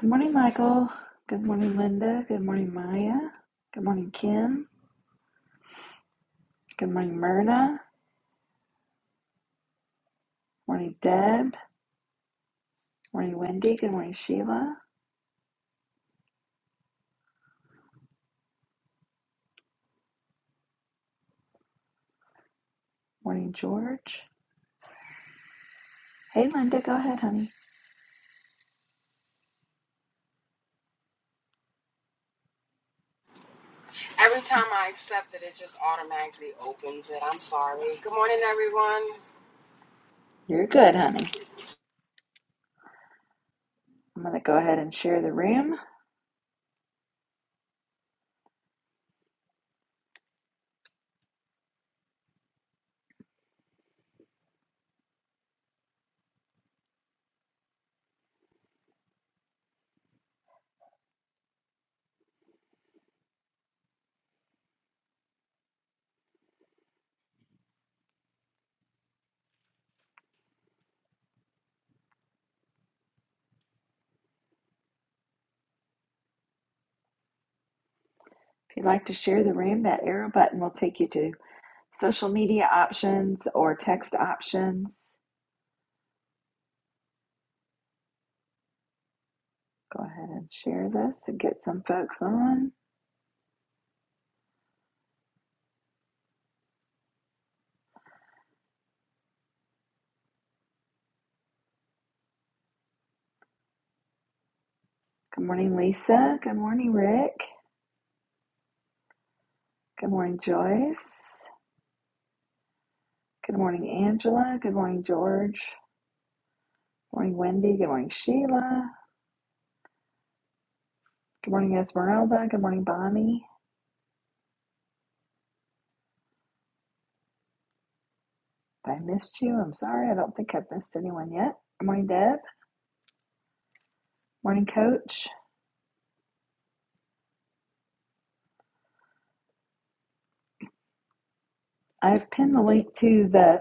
Good morning, Michael. Good morning, Linda. Good morning, Maya. Good morning, Kim. Good morning, Myrna. Morning, Deb. Morning, Wendy. Good morning, Sheila. Morning, George. Hey, Linda, go ahead, honey. Every time I accept it, it just automatically opens it. I'm sorry. Good morning, everyone. You're good, honey. I'm going to go ahead and share the room. If you'd like to share the room, that arrow button will take you to social media options or text options. Go ahead and share this and get some folks on. Good morning, Lisa. Good morning, Rick. Good morning, Joyce. Good morning, Angela. Good morning, George. Good morning, Wendy. Good morning, Sheila. Good morning, Esmeralda. Good morning, Bonnie. If I missed you, I'm sorry. I don't think I've missed anyone yet. Good morning, Deb. Morning, Coach. I've pinned the link to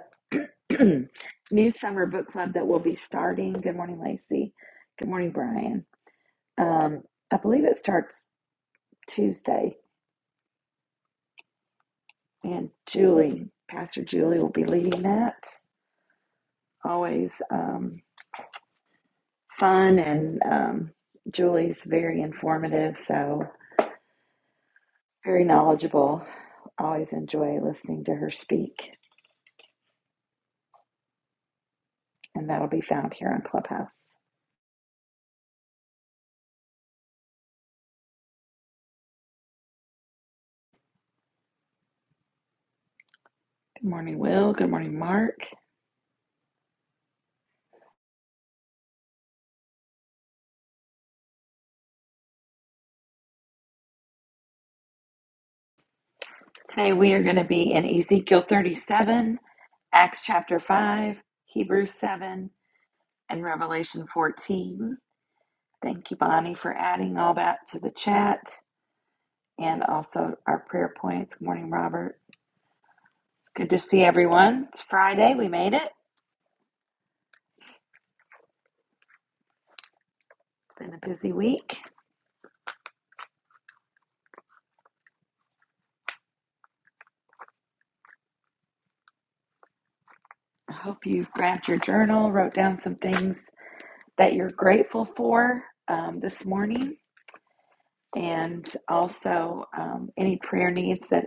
the new summer book club that will be starting. Good morning, Lacey. Good morning, Brian. Um, I believe it starts Tuesday, and Julie, Pastor Julie, will be leading that. Always. Um. fun and um, Julie's very informative, so very knowledgeable. Always enjoy listening to her speak, and that'll be found here on Clubhouse. Good morning, Will. Good morning, Mark. Today we are going to be in Ezekiel 37, Acts chapter 5, Hebrews 7, and Revelation 14. Thank you, Bonnie, for adding all that to the chat and also our prayer points. Good morning, Robert. It's good to see everyone. It's Friday. We made it. It's been a busy week. I hope you've grabbed your journal, wrote down some things that you're grateful for um, this morning, and also um, any prayer needs that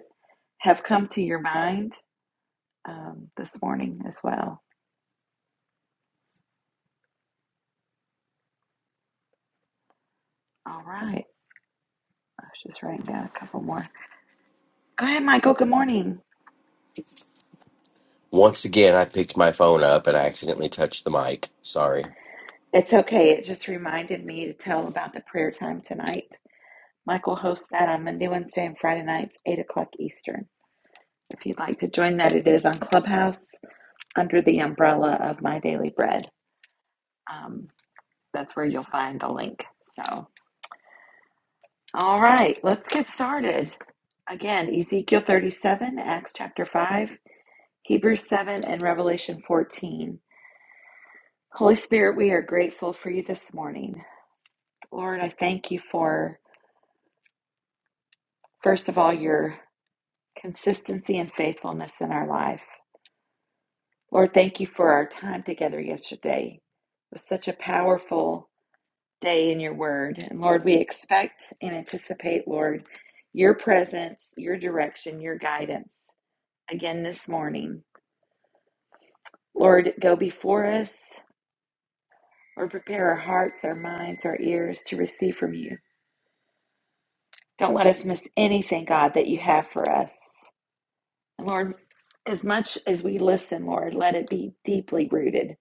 have come to your mind um, this morning as well. All right. I was just writing down a couple more. Go ahead, Michael. Good morning. Once again, I picked my phone up and I accidentally touched the mic. Sorry. It's okay. It just reminded me to tell about the prayer time tonight. Michael hosts that on Monday, Wednesday, and Friday nights, 8 o'clock Eastern. If you'd like to join that, it is on Clubhouse under the umbrella of My Daily Bread. Um, that's where you'll find the link. So, all right, let's get started. Again, Ezekiel 37, Acts chapter 5, Hebrews 7, and Revelation 14. Holy Spirit, we are grateful for you this morning. Lord, I thank you for, first of all, your consistency and faithfulness in our life. Lord, thank you for our time together yesterday. It was such a powerful day in your word. And Lord, we expect and anticipate, Lord, your presence, your direction, your guidance again this morning. Lord, go before us or prepare our hearts, our minds, our ears to receive from you. Don't let us miss anything, God, that you have for us. And Lord, as much as we listen, Lord, let it be deeply rooted,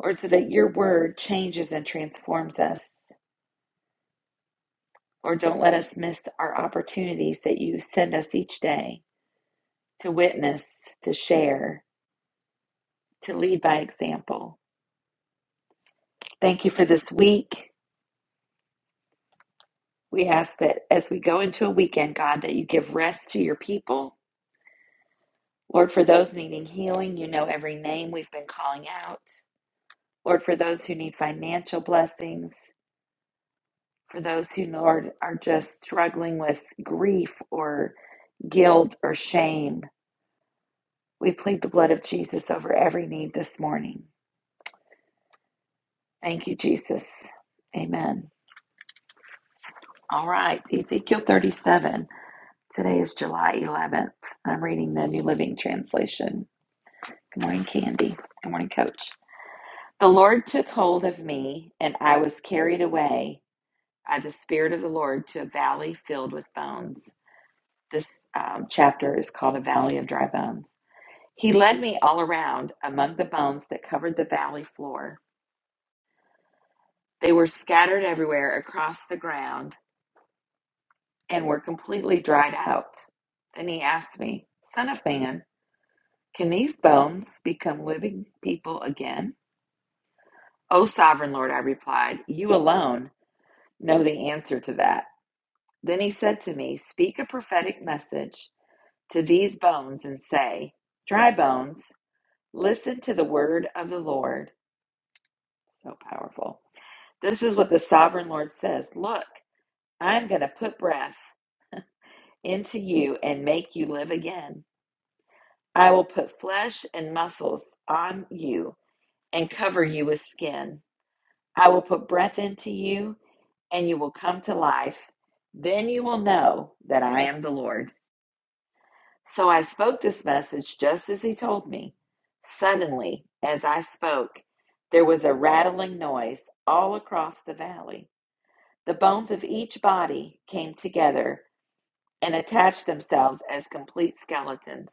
Lord, so that your word changes and transforms us. Lord, don't let us miss our opportunities that you send us each day. to witness, to share, to lead by example. Thank you for this week. We ask that as we go into a weekend, God, that you give rest to your people. Lord, for those needing healing, you know every name we've been calling out. Lord, for those who need financial blessings, for those who, Lord, are just struggling with grief or guilt or shame, we plead the blood of Jesus over every need this morning. Thank you, Jesus. Amen. All right, Ezekiel 37. Today is July 11th. I'm reading the New Living Translation. Good morning, Candy. Good morning, Coach. The Lord took hold of me, and I was carried away by the Spirit of the Lord to a valley filled with bones. This um, chapter is called A Valley of Dry Bones. He led me all around among the bones that covered the valley floor. They were scattered everywhere across the ground and were completely dried out. Then he asked me, Son of man, Can these bones become living people again? O sovereign Lord, I replied, you alone know the answer to that. Then he said to me, Speak a prophetic message to these bones and say, Dry bones, listen to the word of the Lord. So powerful. This is what the sovereign Lord says Look, I'm going to put breath into you and make you live again. I will put flesh and muscles on you and cover you with skin. I will put breath into you, and you will come to life. Then you will know that I am the Lord. So I spoke this message just as he told me. Suddenly, as I spoke, there was a rattling noise all across the valley. The bones of each body came together and attached themselves as complete skeletons.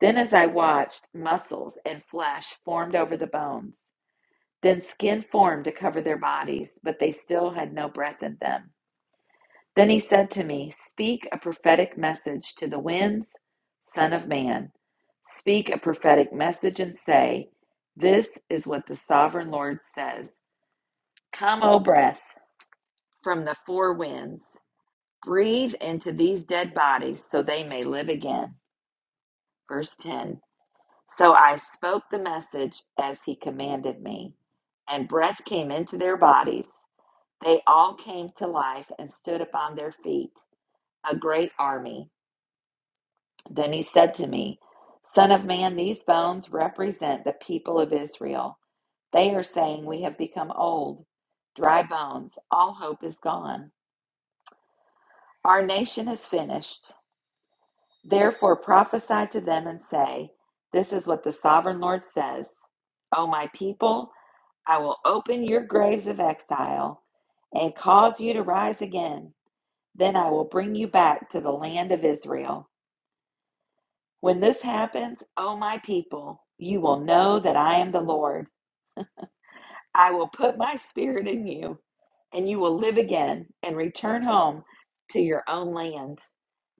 Then, as I watched, muscles and flesh formed over the bones. Then skin formed to cover their bodies, but they still had no breath in them. Then he said to me, Speak a prophetic message to the winds, Son of man. Speak a prophetic message and say, 'This is what the sovereign Lord says Come, O breath, from the four winds. Breathe into these dead bodies so they may live again. Verse 10 So I spoke the message as he commanded me, and breath came into their bodies They all came to life and stood upon their feet, a great army. Then he said to me, Son of man, these bones represent the people of Israel. They are saying, We have become old, dry bones, all hope is gone. Our nation is finished. Therefore prophesy to them and say, This is what the sovereign Lord says O my people, I will open your graves of exile and cause you to rise again. Then I will bring you back to the land of Israel. When this happens, O my people, you will know that I am the Lord. I will put my spirit in you, and you will live again and return home to your own land.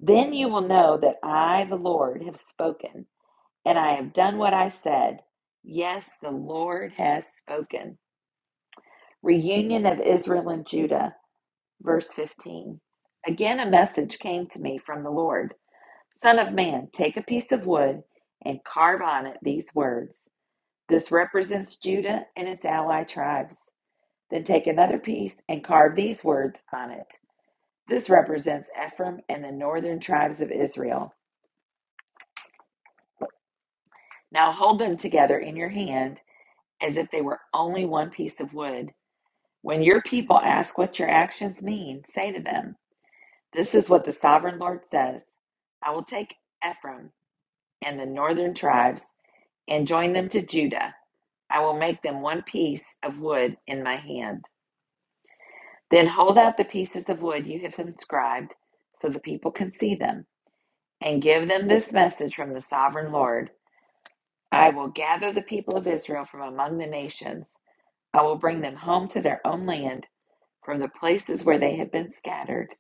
Then you will know that I, the Lord, have spoken, and I have done what I said. Yes, the Lord has spoken. Reunion of Israel and Judah, verse 15. Again, a message came to me from the Lord. Son of man, take a piece of wood and carve on it these words. This represents Judah and its ally tribes. Then take another piece and carve these words on it. This represents Ephraim and the northern tribes of Israel. Now hold them together in your hand as if they were only one piece of wood. When your people ask what your actions mean, say to them, This is what the sovereign Lord says I will take Ephraim and the northern tribes and join them to Judah I will make them one piece of wood in my hand. Then hold out the pieces of wood you have inscribed so the people can see them, and give them this message from the sovereign Lord I will gather the people of Israel from among the nations. I will bring them home to their own land from the places where they have been scattered.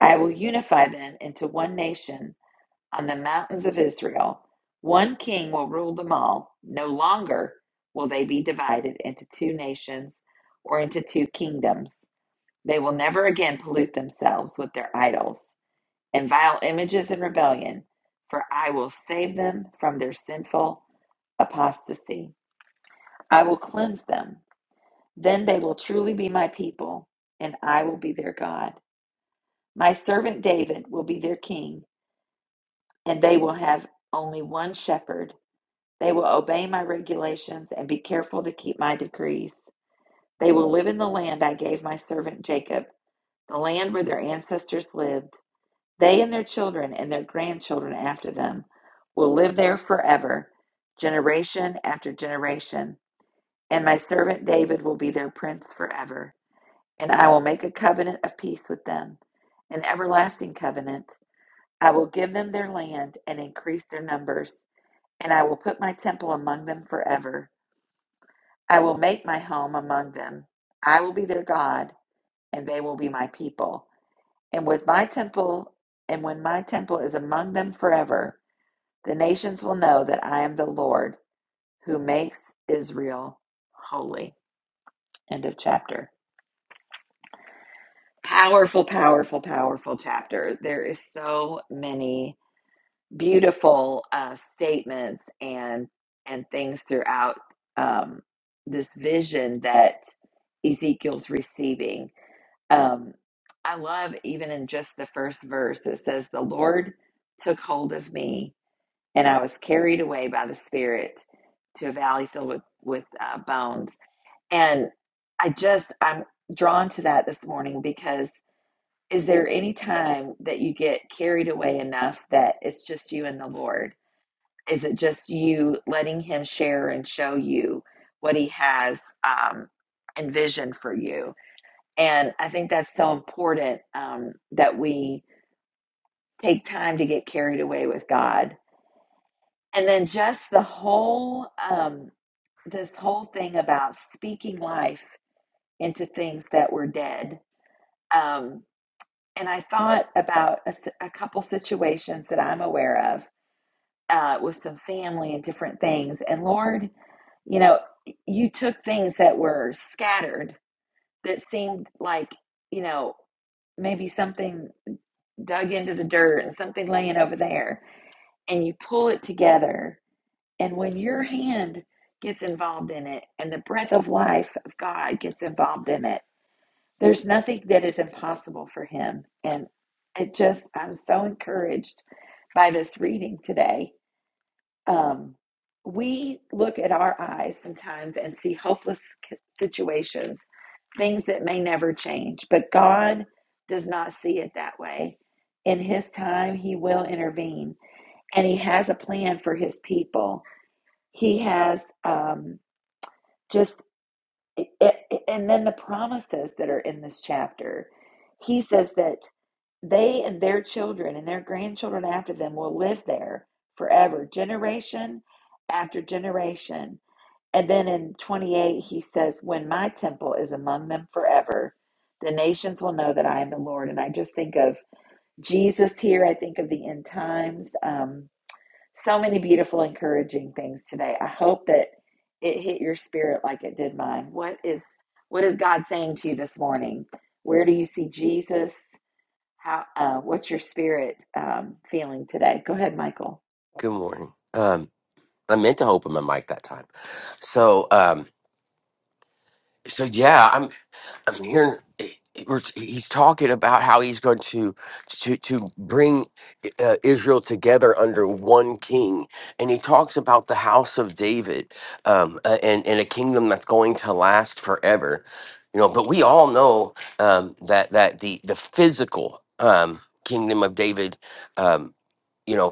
I will unify them into one nation on the mountains of Israel. One king will rule them all. No longer will they be divided into two nations or into two kingdoms. They will never again pollute themselves with their idols and vile images and rebellion, for I will save them from their sinful apostasy. I will cleanse them. Then they will truly be my people, and I will be their God. My servant David will be their king, and they will have only one shepherd They will obey my regulations and be careful to keep my decrees. They will live in the land I gave my servant Jacob, the land where their ancestors lived. They and their children and their grandchildren after them will live there forever, generation after generation. And my servant David will be their prince forever. And I will make a covenant of peace with them, an everlasting covenant. I will give them their land and increase their numbers, and I will put my temple among them forever. I will make my home among them. I will be their God, and they will be my people. And with my temple, and when my temple is among them forever, the nations will know that I am the Lord who makes Israel holy. End of chapter. Powerful, powerful, powerful chapter. There is so many beautiful uh, statements and and things throughout um, this vision that Ezekiel's receiving Um, I love even in just the first verse, it says, The Lord took hold of me, and I was carried away by the Spirit to a valley filled with, with uh, bones. And I just, I'm drawn to that this morning because is there any time that you get carried away enough that it's just you and the Lord? Is it just you letting Him share and show you what He has um, envisioned for you? And I think that's so important um, that we take time to get carried away with God. And then just the whole, um, this whole thing about speaking life into things that were dead. Um, and I thought about a, s- a couple situations that I'm aware of uh, with some family and different things. And Lord, you know, you took things that were scattered that seemed like, you know, maybe something dug into the dirt and something laying over there and you pull it together and when your hand gets involved in it and the breath of life of God gets involved in it there's nothing that is impossible for him and it just I'm so encouraged by this reading today um, we look at our eyes sometimes and see hopeless c- situations, things that may never change, but God does not see it that way. In His time, He will intervene, and He has a plan for His people. He has um, just I- I- and then the promises that are in this chapter. He says that they and their children and their grandchildren after them will live there forever, generation after generation. And then in 28, he says, When my temple is among them forever, the nations will know that I am the Lord. And I just think of Jesus here. I think of the end times. Um, so many beautiful, encouraging things today. I hope that it hit your spirit like it did mine. What is what is God saying to you this morning? Where do you see Jesus? How? Uh, what's your spirit um, feeling today? Go ahead, Michael. Good morning. Um, I meant to open my mic that time. So, um, so yeah, I'm hearing he- he- we're- he's talking about how he's going to to to bring eh, uh, Israel together under one king, and he talks about the house of David um, uh, and and a kingdom that's going to last forever, you know. But we all know um, that that the the physical um, kingdom of David, um, you know.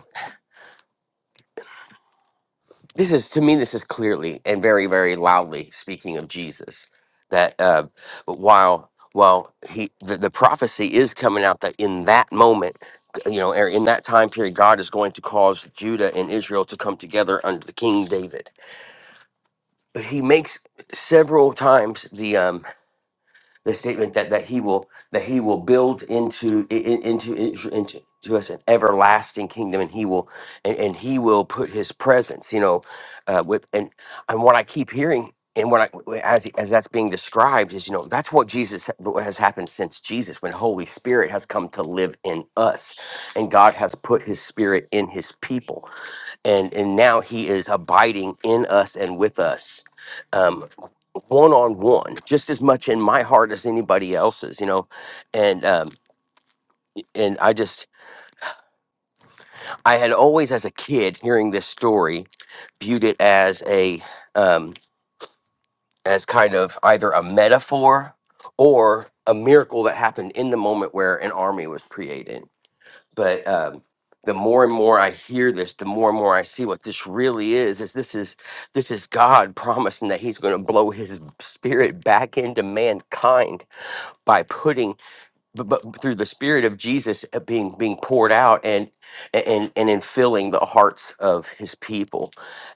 this is to me this is clearly and very very loudly speaking of jesus that uh, while while he the, the prophecy is coming out that in that moment you know or in that time period god is going to cause judah and israel to come together under the king david but he makes several times the um the statement that that he will that he will build into i- i- into into, into to us an everlasting kingdom and he will and, and he will put his presence you know uh, with and and what i keep hearing and what i as as that's being described is you know that's what jesus what has happened since jesus when holy spirit has come to live in us and god has put his spirit in his people and and now he is abiding in us and with us Um, one on one just as much in my heart as anybody else's you know and um and i just i had always as a kid hearing this story viewed it as a um as kind of either a metaphor or a miracle that happened in the moment where an army was created but um the more and more i hear this the more and more i see what this really is is this is this is god promising that he's going to blow his spirit back into mankind by putting but, but through the spirit of Jesus uh, being being poured out and and and in filling the hearts of his people.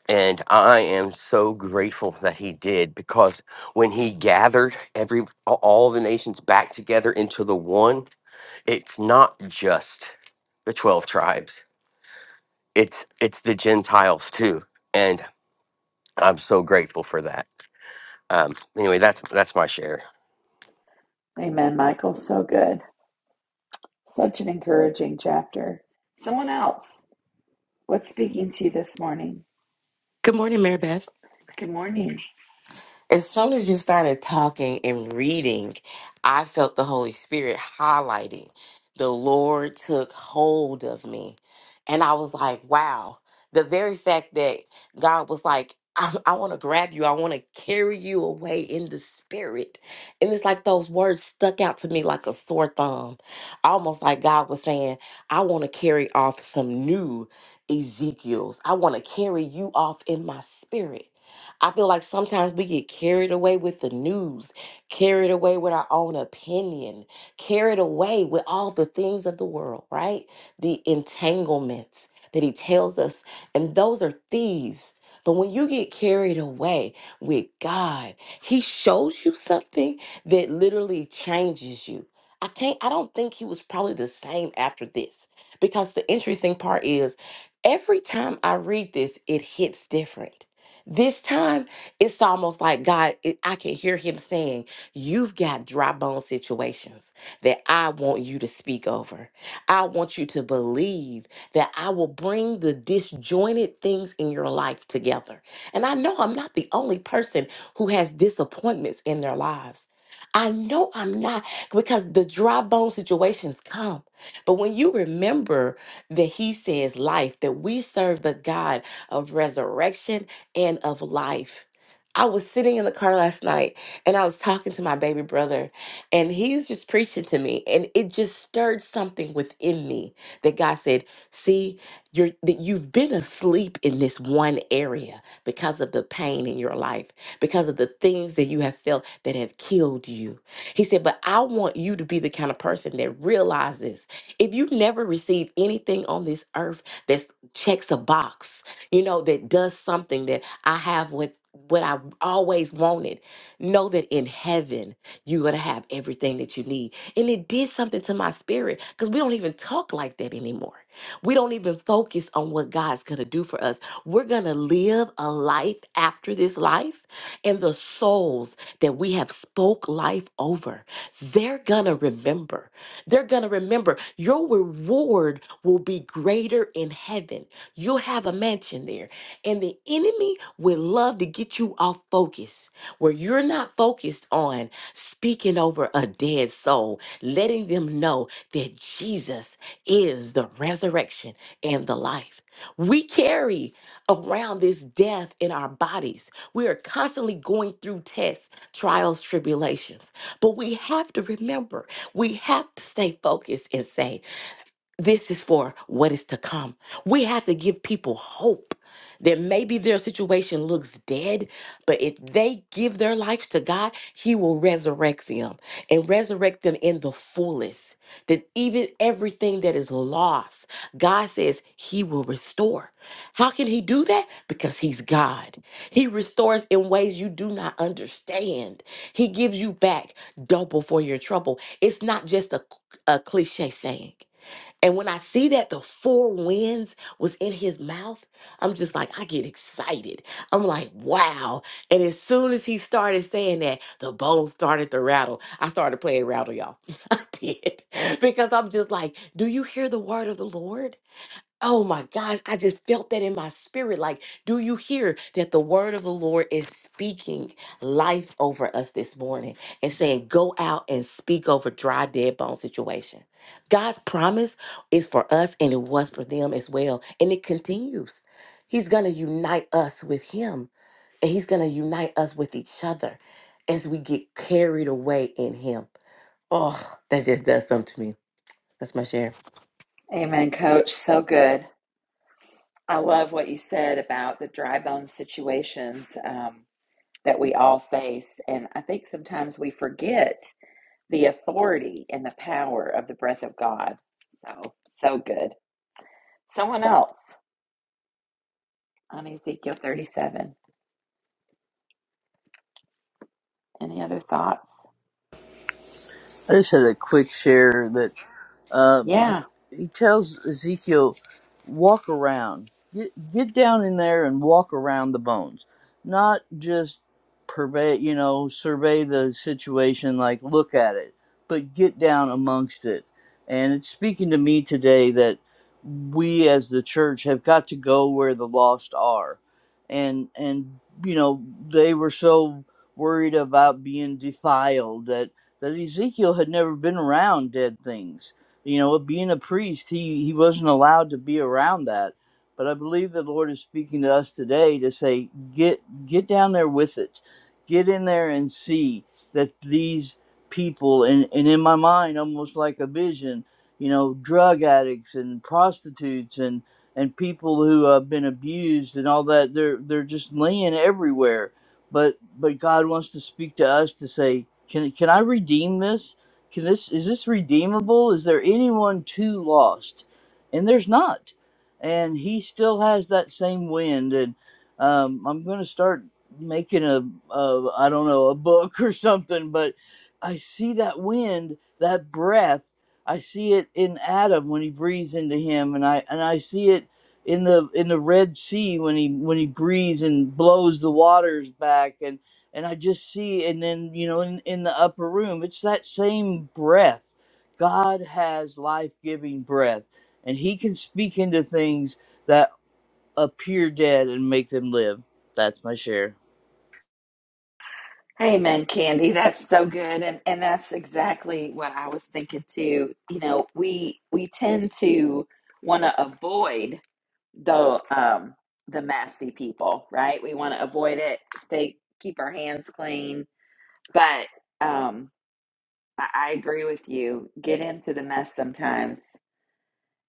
And I am so grateful that he did because when he gathered every a- all the nations back together into the one, it's not just the 12 tribes. It's it's the Gentiles too. And I'm so grateful for that. Um anyway, that's that's my share. Amen, Michael. So good. Such an encouraging chapter. Someone else. What's speaking to you this morning? Good morning, Mary Beth. Good morning. As soon as you started talking and reading, I felt the Holy Spirit highlighting. The Lord took hold of me. And I was like, wow. The very fact that God was like, I, I want to grab you, I want to carry you away in the spirit. And it's like those words stuck out to me like a sore thumb. Almost like God was saying, I want to carry off some new Ezekiels. I want to carry you off in my spirit. I feel like sometimes we get carried away with the news, carried away with our own opinion, carried away with all the things of the world, right? The entanglements that he tells us, and those are thieves. But when you get carried away with God, he shows you something that literally changes you. I can't, I don't think he was probably the same after this because the interesting part is every time I read this, it hits different this time, it's almost like God, it, I can hear him saying, You've got dry bone situations that I want you to speak over. I want you to believe that I will bring the disjointed things in your life together. And I know I'm not the only person who has disappointments in their lives. I know I'm not because the dry bone situations come. But when you remember that he says life, that we serve the God of resurrection and of life. I was sitting in the car last night and I was talking to my baby brother, and he's just preaching to me, and it just stirred something within me that God said, See, you're, that you've been asleep in this one area because of the pain in your life, because of the things that you have felt that have killed you. He said, But I want you to be the kind of person that realizes if you never receive anything on this earth that checks a box, you know, that does something that I have what what I always wanted. Know that in heaven you're gonna have everything that you need. And it did something to my spirit because we don't even talk like that anymore. We don't even focus on what God's gonna do for us. We're gonna live a life after this life, and the souls that we have spoke life over, they're gonna remember. They're gonna remember your reward will be greater in heaven. You'll have a mansion there and the enemy would love to get you off focus where you're not focused on speaking over a dead soul, letting them know that Jesus is the resurrection and the life. We carry around this death in our bodies. We are constantly going through tests, trials, tribulations. But we have to remember, we have to stay focused and say, this is for what is to come. We have to give people hope that maybe their situation looks dead, but if they give their lives to God, He will resurrect them and resurrect them in the fullest. That even everything that is lost, God says He will restore. How can He do that? Because He's God. He restores in ways you do not understand. He gives you back double for your trouble. It's not just a, a cliche saying. And when I see that the four winds was in his mouth, I'm just like, I get excited. I'm like, wow. And as soon as he started saying that, the bones started to rattle. I started playing rattle, y'all. I did. Because I'm just like, do you hear the word of the Lord? Oh my gosh, I just felt that in my spirit. Like, do you hear that the word of the Lord is speaking life over us this morning and saying, go out and speak over dry, dead bone situation? God's promise is for us and it was for them as well. And it continues. He's going to unite us with Him and He's going to unite us with each other as we get carried away in Him. Oh, that just does something to me. That's my share. Amen, Coach. So good. I love what you said about the dry bone situations. Um, that we all face. And I think sometimes we forget the authority and the power of the breath of God. So, so good. Someone else on Ezekiel 37. Any other thoughts? I just had a quick share that um, Yeah. he tells Ezekiel, walk around, get get down in there and walk around the bones, not just purvey, you know, survey the situation like look at it, but get down amongst it. And it's speaking to me today that we as the church have got to go where the lost are, and and you know they were so worried about being defiled that that Ezekiel had never been around dead things. You know, being a priest, he, he wasn't allowed to be around that. But I believe the Lord is speaking to us today to say, get get down there with it. Get in there and see that these people and, and in my mind almost like a vision, you know, drug addicts and prostitutes and and people who have been abused and all that, they're they're just laying everywhere but but God wants to speak to us to say, can can I redeem this? Can this is this redeemable? Is there anyone too lost? And there's not, and He still has that same wind. And um, I'm going to start making a, a I don't know a book or something, but I see that wind, that breath. I see it in Adam when he breathes into him, and I and I see it in the in the Red Sea when he when he breathes and blows the waters back and and I just see and then you know in, in the upper room it's that same breath. God has life giving breath and he can speak into things that appear dead and make them live. That's my share. Amen, Candy. That's so good. And and that's exactly what I was thinking too. You know, we we tend to want to avoid the um the messy people, right? We want to avoid it, stay keep our hands clean. But um I, I agree with you. Get into the mess sometimes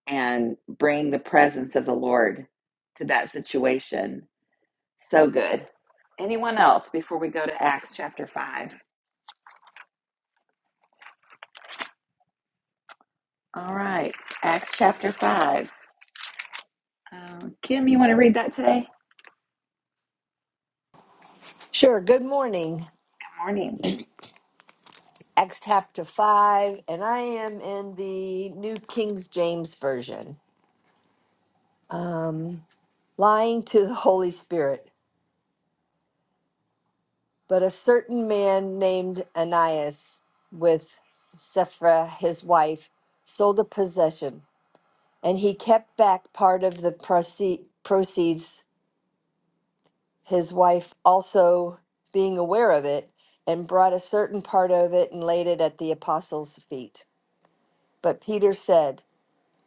and bring the presence of the Lord to that situation. So good. Anyone else before we go to Acts chapter 5? All right, Acts chapter 5. Um, Kim, you want to read that today? Good Sure. Good morning. morning. Acts chapter 5, and I am in the New King James Version. Lying to the Holy Spirit. But a certain man named Ananias, with Sapphira his wife, sold a possession, and he kept back part of the proce- proceeds, his wife also being aware of it, and brought a certain part of it and laid it at the apostles' feet. But Peter said,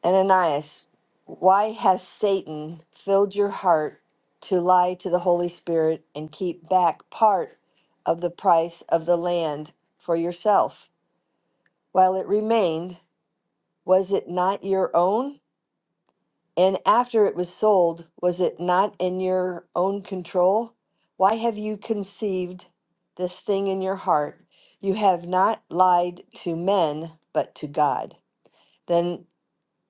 Ananias, why has Satan filled your heart to lie to the Holy Spirit and keep back part of the price of the land for yourself? While it remained, was it not your own? And after it was sold, was it not in your own control? Why have you conceived this thing in your heart? You have not lied to men, but to God. Then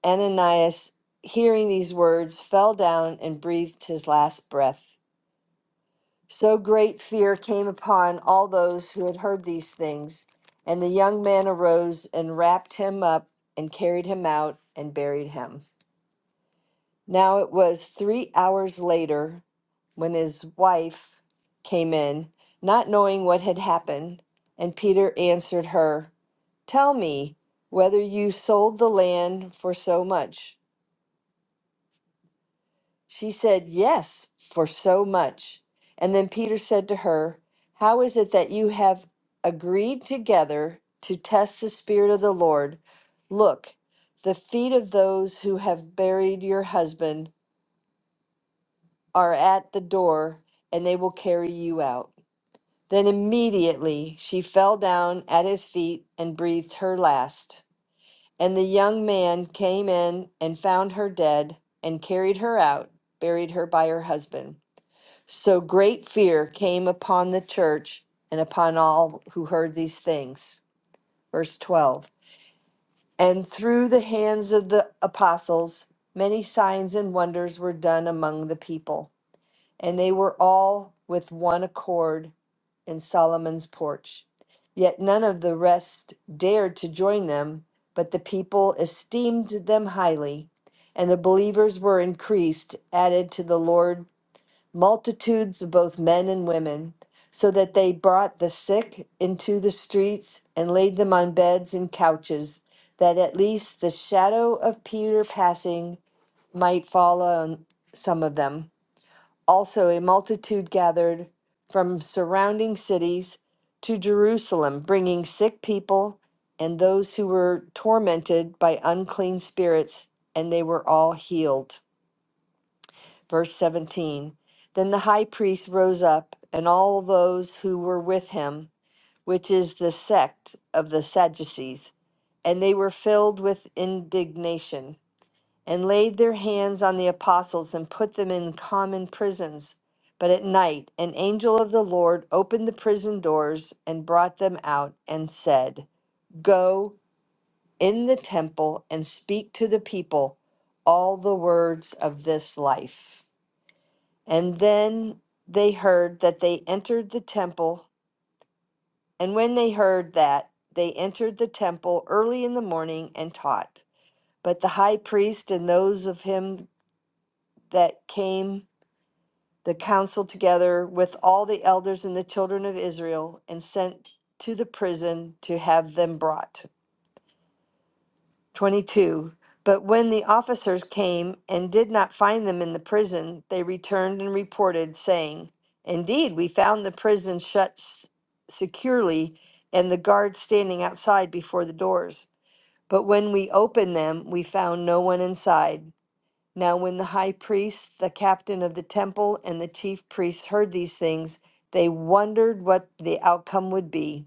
Ananias, hearing these words, fell down and breathed his last breath. So great fear came upon all those who had heard these things. And the young man arose and wrapped him up and carried him out and buried him. Now it was three hours later when his wife came in, not knowing what had happened. And Peter answered her, Tell me whether you sold the land for so much. She said, Yes, for so much. And then Peter said to her, How is it that you have agreed together to test the Spirit of the Lord? Look, the feet of those who have buried your husband are at the door, and they will carry you out. Then immediately she fell down at his feet and breathed her last. And the young man came in and found her dead and carried her out, buried her by her husband. So great fear came upon the church and upon all who heard these things. Verse 12. And through the hands of the apostles, many signs and wonders were done among the people. And they were all with one accord in Solomon's porch. Yet none of the rest dared to join them, but the people esteemed them highly. And the believers were increased, added to the Lord multitudes of both men and women, so that they brought the sick into the streets and laid them on beds and couches, that at least the shadow of Peter passing might fall on some of them. Also, a multitude gathered from surrounding cities to Jerusalem, bringing sick people and those who were tormented by unclean spirits, and they were all healed. Verse 17 Then the high priest rose up, and all those who were with him, which is the sect of the Sadducees, and they were filled with indignation, and laid their hands on the apostles and put them in common prisons. But at night, an angel of the Lord opened the prison doors and brought them out and said, Go in the temple and speak to the people all the words of this life. And then they heard that they entered the temple. And when they heard that, they entered the temple early in the morning and taught. But the high priest and those of him that came the council together with all the elders and the children of Israel and sent to the prison to have them brought. 22. But when the officers came and did not find them in the prison, they returned and reported, saying, Indeed, we found the prison shut s- securely and the guards standing outside before the doors. But when we opened them, we found no one inside. Now, when the high priest, the captain of the temple, and the chief priests heard these things, they wondered what the outcome would be.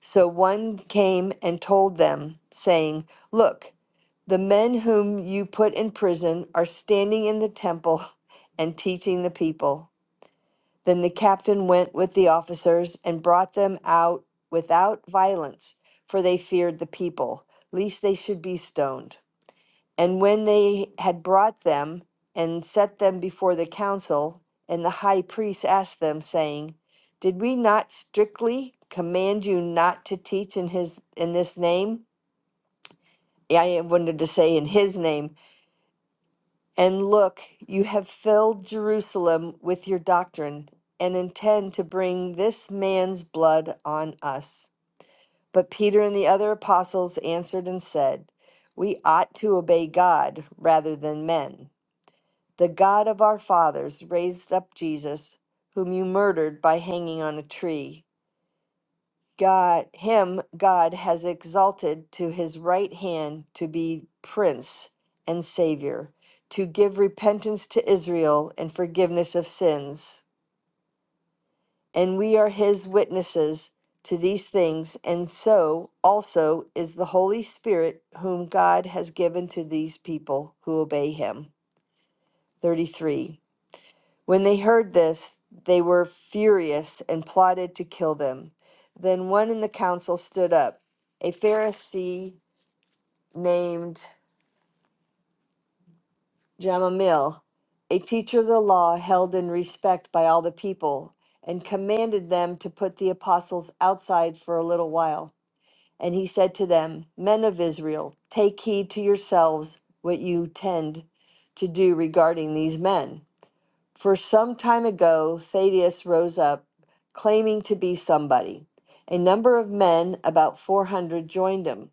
So one came and told them, saying, Look, the men whom you put in prison are standing in the temple and teaching the people. Then the captain went with the officers and brought them out without violence, for they feared the people, lest they should be stoned. And when they had brought them and set them before the council, and the high priest asked them, saying, Did we not strictly command you not to teach in his in this name? I wanted to say in his name, And look, you have filled Jerusalem with your doctrine, and intend to bring this man's blood on us. But Peter and the other apostles answered and said, We ought to obey God rather than men. The God of our fathers raised up Jesus, whom you murdered by hanging on a tree. God, him God has exalted to his right hand to be prince and savior, to give repentance to Israel and forgiveness of sins. And we are his witnesses to these things, and so also is the Holy Spirit, whom God has given to these people who obey him. 33. When they heard this, they were furious and plotted to kill them. Then one in the council stood up, a Pharisee named Gamaliel, a teacher of the law held in respect by all the people, and commanded them to put the apostles outside for a little while. And he said to them, Men of Israel, take heed to yourselves what you tend to do regarding these men. For some time ago, Thaddeus rose up, claiming to be somebody. A number of men, about 400, joined him,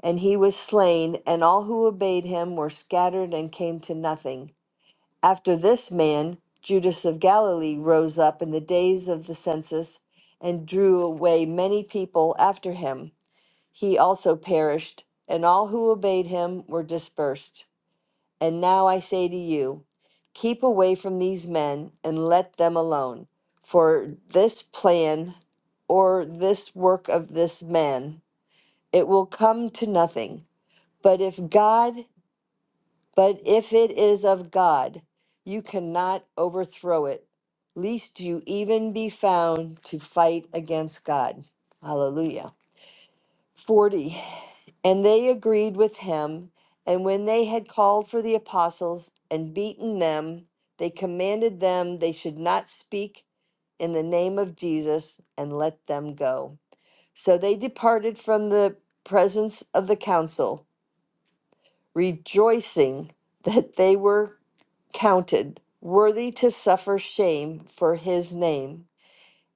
and he was slain, and all who obeyed him were scattered and came to nothing. After this man, Judas of Galilee rose up in the days of the census and drew away many people after him. He also perished, and all who obeyed him were dispersed. And now I say to you, keep away from these men and let them alone. For this plan or this work of this man, it will come to nothing. But if God, but if it is of God, you cannot overthrow it, lest you even be found to fight against God. Hallelujah. 40. And they agreed with him. And when they had called for the apostles and beaten them, they commanded them they should not speak in the name of Jesus and let them go. So they departed from the presence of the council, rejoicing that they were counted worthy to suffer shame for his name.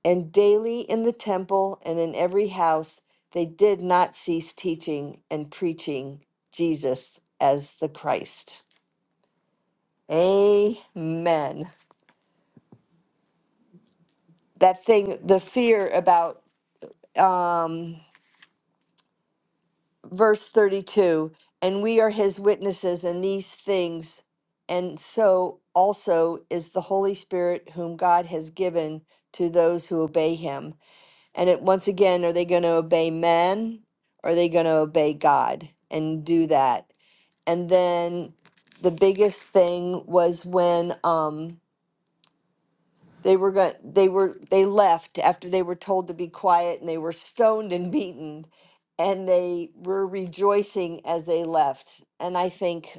And daily in the temple and in every house they did not cease teaching and preaching Jesus as the Christ. Amen. That thing, the fear about um, verse 32 and we are his witnesses in these things, and so also is the Holy Spirit, whom God has given to those who obey him. And it, once again, are they going to obey men? are they going to obey God and do that? And then the biggest thing was when um, they were going, they were they left after they were told to be quiet, and they were stoned and beaten, and they were rejoicing as they left. And I think,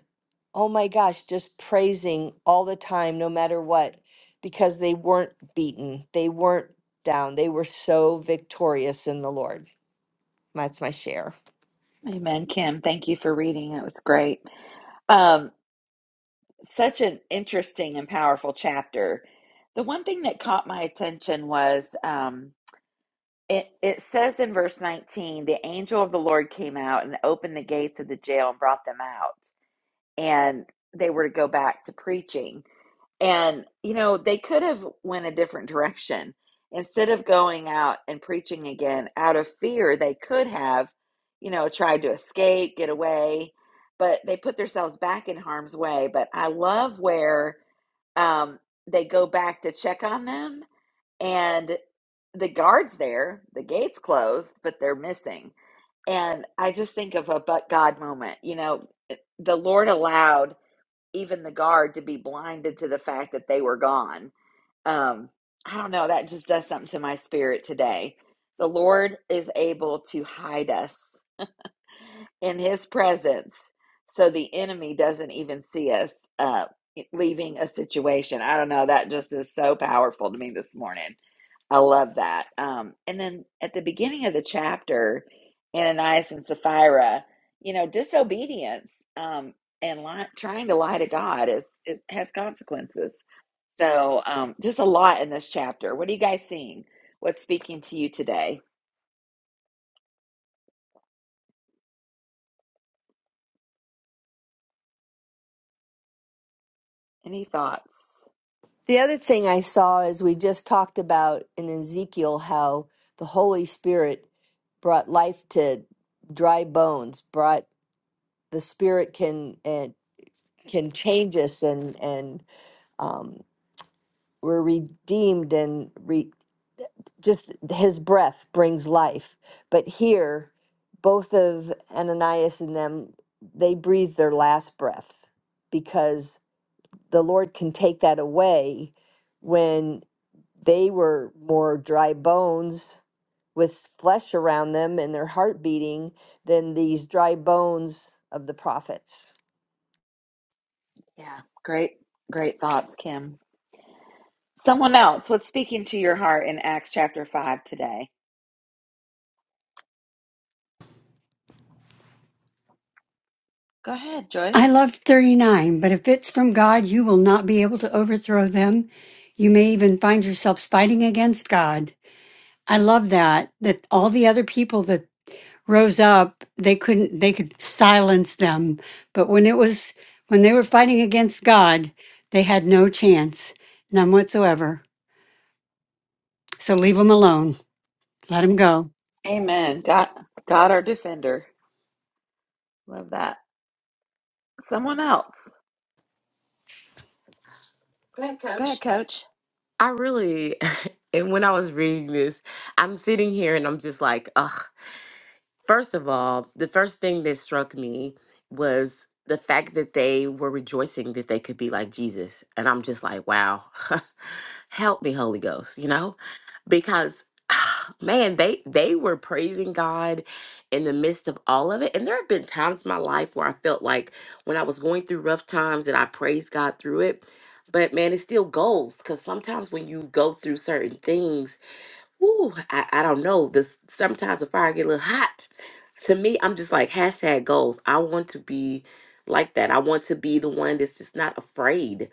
oh my gosh, just praising all the time, no matter what, because they weren't beaten, they weren't down, they were so victorious in the Lord. That's my share. Amen, Kim. Thank you for reading. That was great. Um, such an interesting and powerful chapter. The one thing that caught my attention was. Um, It, it says in verse 19, the angel of the Lord came out and opened the gates of the jail and brought them out. And they were to go back to preaching. And, you know, they could have went a different direction. Instead of going out and preaching again out of fear, they could have, you know, tried to escape, get away, but they put themselves back in harm's way. But I love where um, they go back to check on them and the guards there, the gates closed, but they're missing. And I just think of a but God moment. You know, the Lord allowed even the guard to be blinded to the fact that they were gone. Um, I don't know. That just does something to my spirit today. The Lord is able to hide us in His presence so the enemy doesn't even see us uh, leaving a situation. I don't know. That just is so powerful to me this morning. I love that. Um, and then at the beginning of the chapter, Ananias and Sapphira, you know, disobedience um, and li- trying to lie to God is, is has consequences. So, um, just a lot in this chapter. What are you guys seeing? What's speaking to you today? Any thoughts? The other thing I saw is we just talked about in Ezekiel how the Holy Spirit brought life to dry bones, brought the Spirit can and can change us, and and um, we're redeemed, and re, just His breath brings life. But here, both of Ananias and them, they breathe their last breath because the Lord can take that away when they were more dry bones with flesh around them and their heart beating than these dry bones of the prophets. Yeah, great, great thoughts, Kim. Someone else, what's speaking to your heart in Acts chapter 5 today? Go ahead, Joyce. I loved 39, but if it's from God, you will not be able to overthrow them. You may even find yourselves fighting against God. I love that, that all the other people that rose up, they couldn't, they could silence them. But when it was, when they were fighting against God, they had no chance, none whatsoever. So leave them alone. Let them go. Amen. God, God, our defender. Love that. Someone else. Go ahead, coach. I really, and when I was reading this, I'm sitting here and I'm just like, ugh. First of all, the first thing that struck me was the fact that they were rejoicing that they could be like Jesus. And I'm just like, wow, help me, Holy Ghost, you know? because man they they were praising god in the midst of all of it and there have been times in my life where i felt like when i was going through rough times that i praised god through it but man it still goes because sometimes when you go through certain things Ooh, I, I don't know. This sometimes the fire get a little hot. To me, I'm just like hashtag goals. I want to be like that. I want to be the one that's just not afraid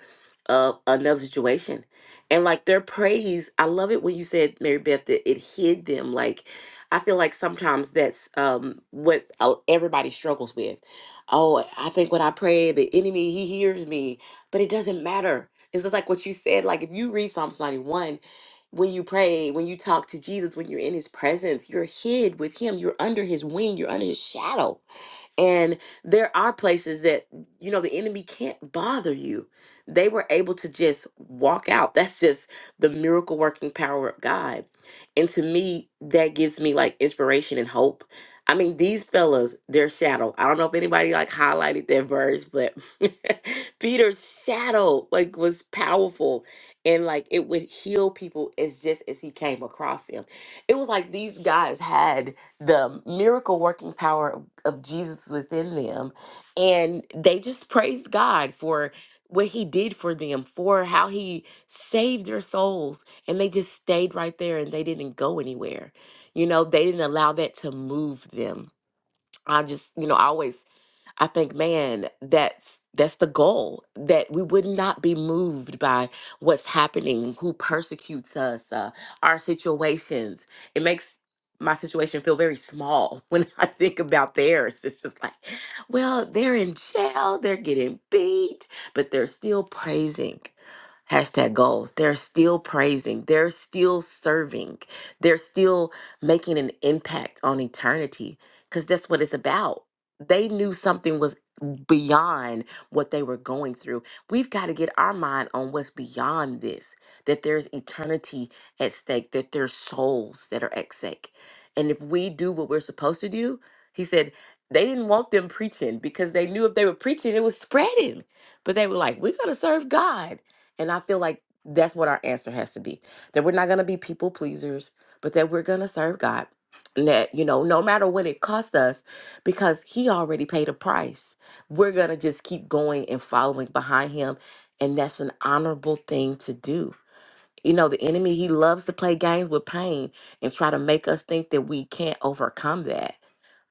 of another situation. And like their praise, I love it when you said Mary Beth that it hid them. Like I feel like sometimes that's um what uh, everybody struggles with. Oh, I think when I pray, the enemy he hears me, but it doesn't matter. It's just like what you said. Like if you read Psalms 91 when you pray, when you talk to Jesus, when you're in his presence, you're hid with him, you're under his wing, you're under his shadow and there are places that, you know, the enemy can't bother you. They were able to just walk out. That's just the miracle working power of God. And to me, that gives me like inspiration and hope. I mean, these fellas, their shadow. I don't know if anybody like highlighted that verse, but Peter's shadow like was powerful and like it would heal people as just as he came across him. It was like these guys had the miracle working power of, of Jesus within them. And they just praised God for what he did for them, for how he saved their souls. And they just stayed right there and they didn't go anywhere. You know, they didn't allow that to move them. I just, you know, I always I think, man, that's that's the goal that we would not be moved by what's happening, who persecutes us, uh, our situations. It makes my situation feel very small when I think about theirs. It's just like, well, they're in jail, they're getting beat, but they're still praising. Hashtag goals. They're still praising. They're still serving. They're still making an impact on eternity because that's what it's about they knew something was beyond what they were going through. We've got to get our mind on what's beyond this that there's eternity at stake, that there's souls that are at stake. And if we do what we're supposed to do, he said, they didn't want them preaching because they knew if they were preaching, it was spreading. But they were like, we're going to serve God. And I feel like that's what our answer has to be that we're not going to be people pleasers, but that we're going to serve God. And that, you know, no matter what it costs us, because he already paid a price. We're going to just keep going and following behind him. And that's an honorable thing to do. You know, the enemy, he loves to play games with pain and try to make us think that we can't overcome that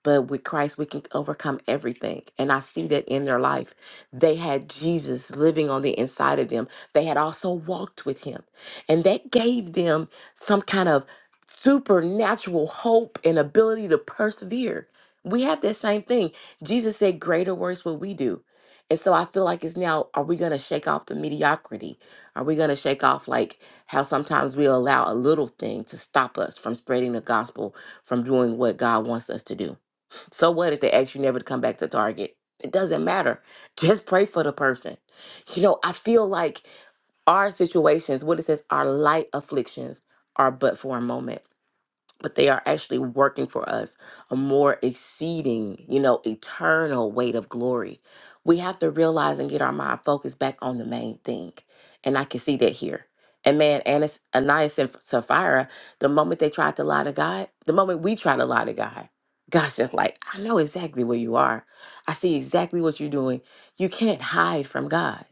but with Christ, we can overcome everything. And I see that in their life. They had Jesus living on the inside of them. They had also walked with him. And that gave them some kind of supernatural hope and ability to persevere. We have that same thing. Jesus said, Greater works will we do. And so I feel like it's now, are we going to shake off the mediocrity? Are we going to shake off like how sometimes we allow a little thing to stop us from spreading the gospel, from doing what God wants us to do? So what if they ask you never to come back to Target? It doesn't matter. Just pray for the person. You know, I feel like our situations, what it says, our light afflictions are but for a moment but they are actually working for us a more exceeding, you know, eternal weight of glory. We have to realize and get our mind focused back on the main thing. And I can see that here. And man, Anas, Ananias and Sapphira, the moment they tried to lie to God, the moment we try to lie to God, God's just like, I know exactly where you are. I see exactly what you're doing. You can't hide from God.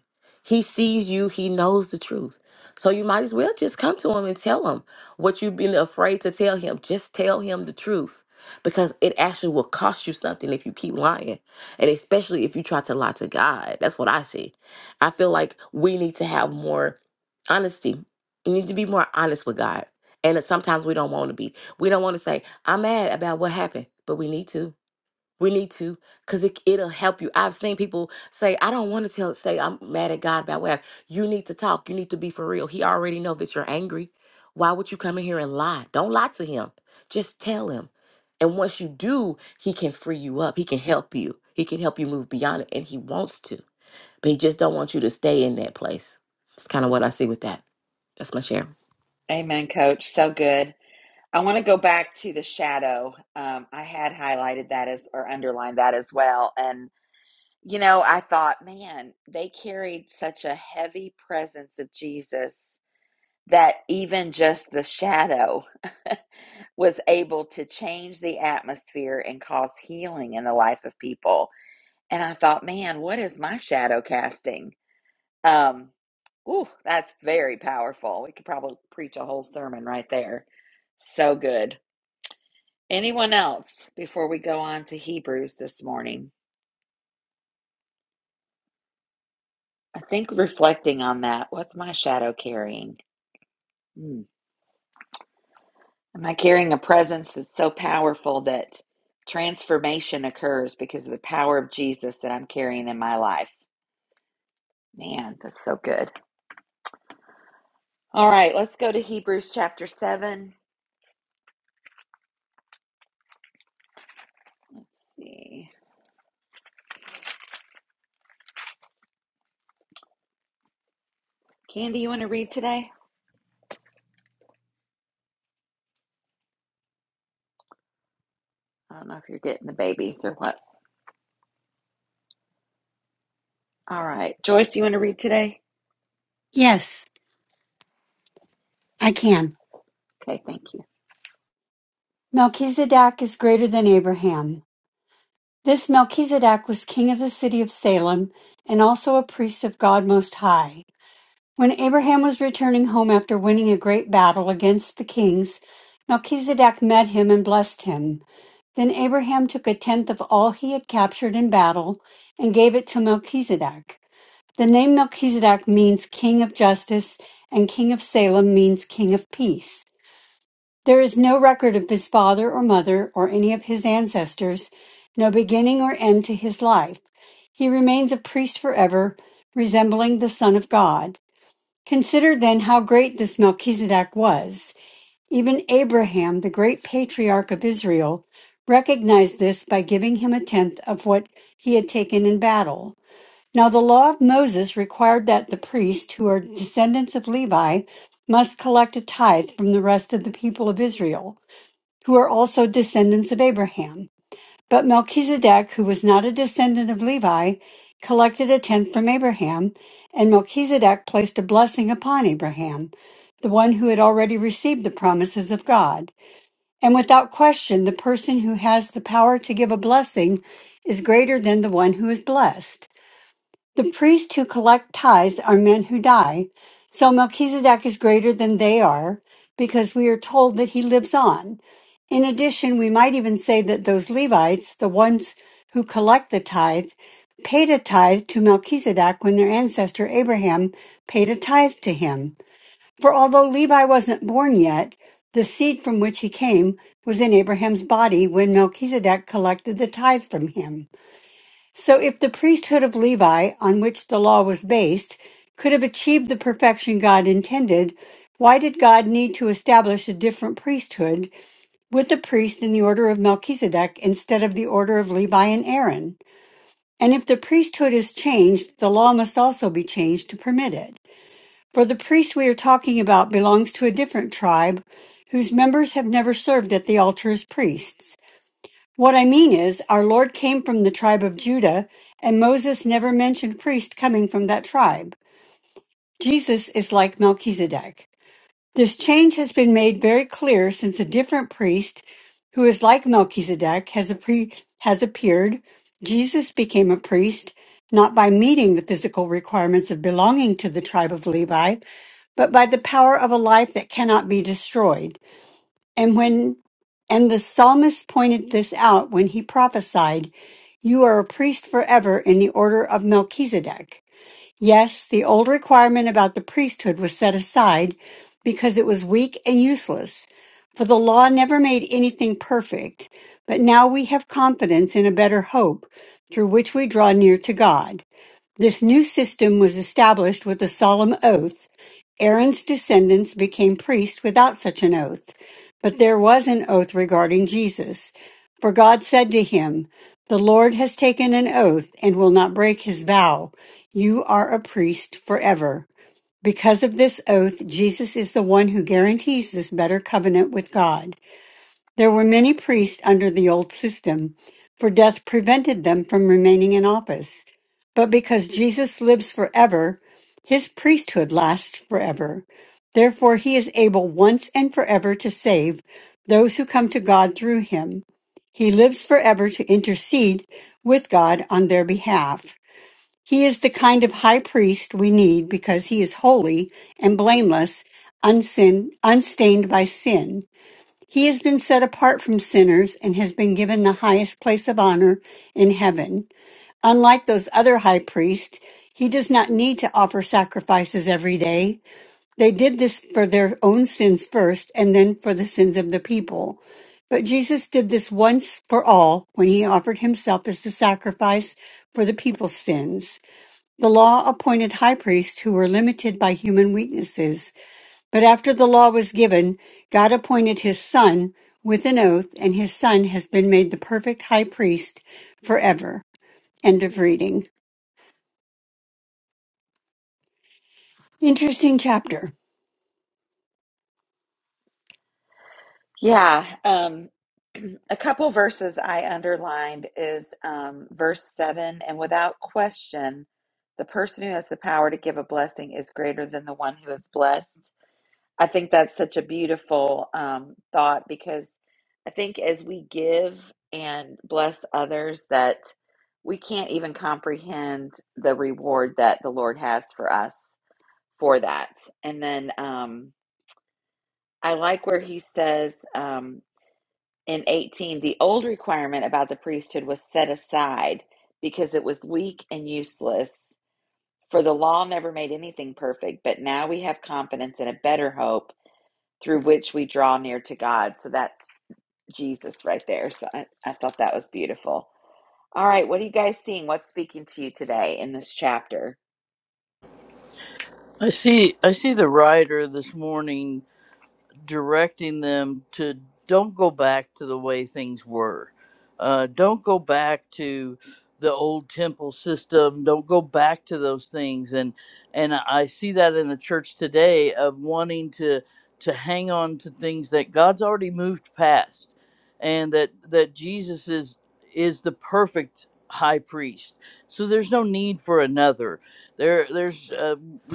He sees you, He knows the truth. So you might as well just come to Him and tell Him. What you've been afraid to tell him, just tell him the truth because it actually will cost you something if you keep lying. And especially if you try to lie to God. That's what I see. I feel like we need to have more honesty. We need to be more honest with God. And that sometimes we don't want to be. We don't want to say, I'm mad about what happened, but we need to. We need to, cause it it'll help you. I've seen people say, "I don't want to tell." Say, "I'm mad at God about what." happened." You need to talk. You need to be for real. He already know that you're angry. Why would you come in here and lie? Don't lie to him. Just tell him. And once you do, he can free you up. He can help you. He can help you move beyond it, and he wants to. But he just don't want you to stay in that place. It's kind of what I see with that. That's my share. Amen, coach. So good. I want to go back to the shadow. Um, I had highlighted that as or underlined that as well. And, you know, I thought, man, they carried such a heavy presence of Jesus that even just the shadow was able to change the atmosphere and cause healing in the life of people. And I thought, man, what is my shadow casting? Um, ooh, that's very powerful. We could probably preach a whole sermon right there. So good. Anyone else before we go on to Hebrews this morning? I think reflecting on that, what's my shadow carrying? Hmm. Am I carrying a presence that's so powerful that transformation occurs because of the power of Jesus that I'm carrying in my life? Man, that's so good. All right, let's go to Hebrews chapter 7. Let's see. Candy, you want to read today? I don't know if you're getting the babies or what. All right. Joyce, do you want to read today? Yes, I can. Okay, thank you. Melchizedek is greater than Abraham. This Melchizedek was king of the city of Salem and also a priest of God Most High. When Abraham was returning home after winning a great battle against the kings, Melchizedek met him and blessed him. Then Abraham took a tenth of all he had captured in battle and gave it to Melchizedek. The name Melchizedek means king of justice, and king of Salem means king of peace. There is no record of his father or mother or any of his ancestors, no beginning or end to his life. He remains a priest forever, resembling the Son of God. Consider then how great this Melchizedek was. Even Abraham, the great patriarch of Israel, recognized this by giving him a tenth of what he had taken in battle. Now, the law of Moses required that the priests, who are descendants of Levi, must collect a tithe from the rest of the people of Israel who are also descendants of Abraham. But Melchizedek, who was not a descendant of Levi, collected a tenth from Abraham, and Melchizedek placed a blessing upon Abraham, the one who had already received the promises of God. And without question, the person who has the power to give a blessing is greater than the one who is blessed. The priests who collect tithes are men who die, so Melchizedek is greater than they are because we are told that he lives on. In addition, we might even say that those Levites, the ones who collect the tithe, paid a tithe to Melchizedek when their ancestor Abraham paid a tithe to him. For although Levi wasn't born yet, the seed from which he came was in Abraham's body when Melchizedek collected the tithe from him. So, if the priesthood of Levi, on which the law was based, could have achieved the perfection God intended, why did God need to establish a different priesthood with the priest in the order of Melchizedek instead of the order of Levi and Aaron? And if the priesthood is changed, the law must also be changed to permit it. For the priest we are talking about belongs to a different tribe whose members have never served at the altar as priests. What I mean is, our Lord came from the tribe of Judah, and Moses never mentioned priest coming from that tribe. Jesus is like Melchizedek. This change has been made very clear since a different priest who is like Melchizedek has, a pre- has appeared. Jesus became a priest not by meeting the physical requirements of belonging to the tribe of Levi, but by the power of a life that cannot be destroyed. And when and the psalmist pointed this out when he prophesied, You are a priest forever in the order of Melchizedek. Yes, the old requirement about the priesthood was set aside because it was weak and useless, for the law never made anything perfect. But now we have confidence in a better hope through which we draw near to God. This new system was established with a solemn oath Aaron's descendants became priests without such an oath, but there was an oath regarding Jesus. For God said to him, The Lord has taken an oath and will not break his vow. You are a priest forever. Because of this oath, Jesus is the one who guarantees this better covenant with God. There were many priests under the old system, for death prevented them from remaining in office. But because Jesus lives forever, his priesthood lasts forever. Therefore, he is able once and forever to save those who come to God through him. He lives forever to intercede with God on their behalf. He is the kind of high priest we need because he is holy and blameless, unsin, unstained by sin. He has been set apart from sinners and has been given the highest place of honor in heaven. Unlike those other high priests, he does not need to offer sacrifices every day. They did this for their own sins first and then for the sins of the people. But Jesus did this once for all when he offered himself as the sacrifice for the people's sins. The law appointed high priests who were limited by human weaknesses. But after the law was given, God appointed his son with an oath, and his son has been made the perfect high priest forever. End of reading. Interesting chapter. Yeah. Um, a couple verses I underlined is um, verse 7 and without question, the person who has the power to give a blessing is greater than the one who is blessed. I think that's such a beautiful um, thought because I think as we give and bless others, that we can't even comprehend the reward that the Lord has for us for that. And then um, I like where he says um, in 18, the old requirement about the priesthood was set aside because it was weak and useless. For the law never made anything perfect, but now we have confidence in a better hope through which we draw near to God. So that's Jesus right there. So I, I thought that was beautiful. All right, what are you guys seeing? What's speaking to you today in this chapter? I see I see the writer this morning directing them to don't go back to the way things were. Uh, don't go back to the old temple system. Don't go back to those things. And and I see that in the church today of wanting to to hang on to things that God's already moved past, and that that Jesus is is the perfect high priest. So there's no need for another. There there's uh,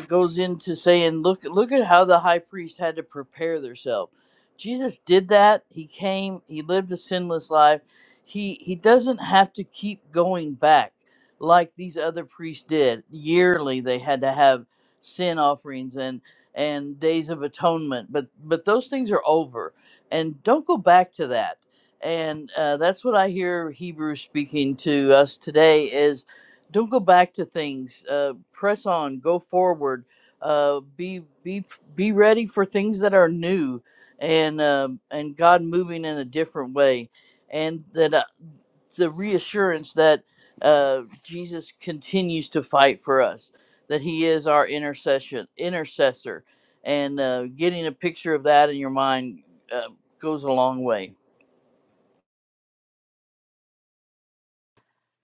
goes into saying, "Look, look at how the high priest had to prepare themselves." Jesus did that. He came. He lived a sinless life. He he doesn't have to keep going back like these other priests did. Yearly, they had to have sin offerings and and days of atonement. But but those things are over, and don't go back to that. And uh, that's what I hear Hebrews speaking to us today is don't go back to things. Uh, press on. Go forward. Uh, be be be ready for things that are new, and uh, and God moving in a different way, and that uh, the reassurance that uh, Jesus continues to fight for us, that He is our intercession intercessor, and uh, getting a picture of that in your mind uh, goes a long way.